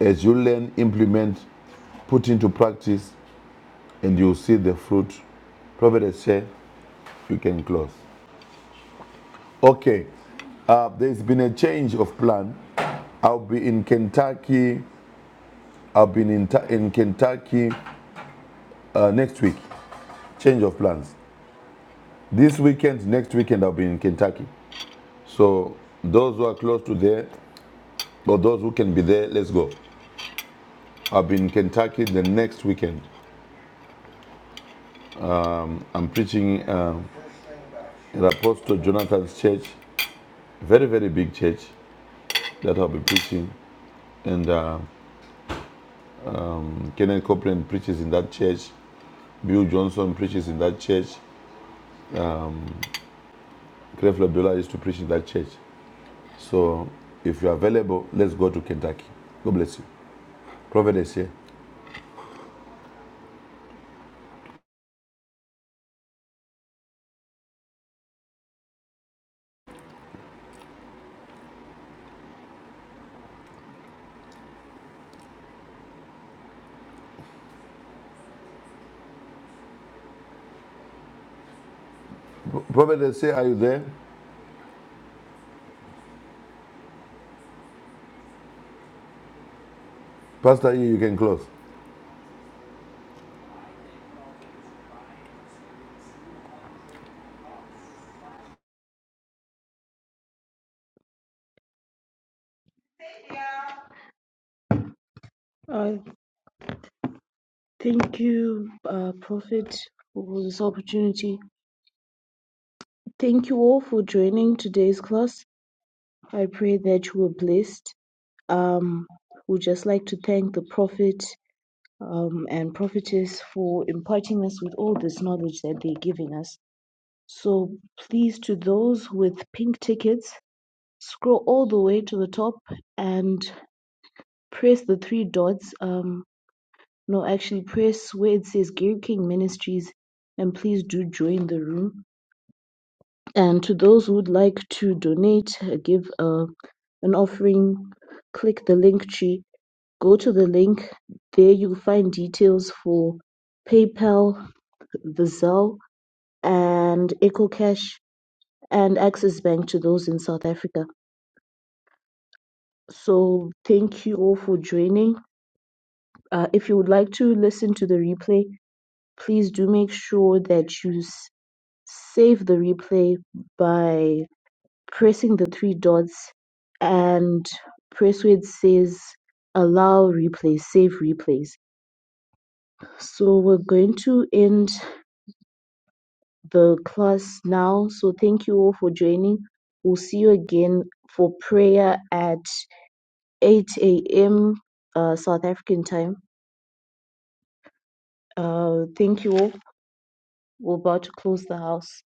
As you learn, implement, put into practice, and you'll see the fruit. Prophet has said, you can close. Okay. Uh, there's been a change of plan. I'll be in Kentucky. I'll be in, in Kentucky uh, next week. Change of plans. This weekend, next weekend, I'll be in Kentucky. So those who are close to there, But those who can be there, let's go. I'll be in Kentucky the next weekend. I'm preaching uh, at Apostle Jonathan's church, very, very big church that I'll be preaching. And uh, Kenneth Copeland preaches in that church. Bill Johnson preaches in that church. Gref Labiola used to preach in that church. So if you're available, let's go to Kentucky. God bless you. Prophet Essay. Prophet Essay, are you there? Pastor E, you can close. Uh, thank you, uh, Prophet, for this opportunity. Thank you all for joining today's class. I pray that you were blessed. Um, we'd just like to thank the Prophet um, and Prophetess for imparting us with all this knowledge that they're giving us. So please, to those with pink tickets, scroll all the way to the top and press the three dots. Um, No actually press where it says Gary King Ministries and please do join the room. And to those who would like to donate, uh, give uh, an offering, click the link tree, go to the link. There you'll find details for PayPal, the Zelle, and EcoCash and Access Bank to those in South Africa. So thank you all for joining. Uh, if you would like to listen to the replay, please do make sure that you s- Save the replay by pressing the three dots and press where it says allow replay, save replays. So we're going to end the class now. So thank you all for joining. We'll see you again for prayer at 8 a.m. Uh, South African time. Uh, thank you all. We're about to close the house.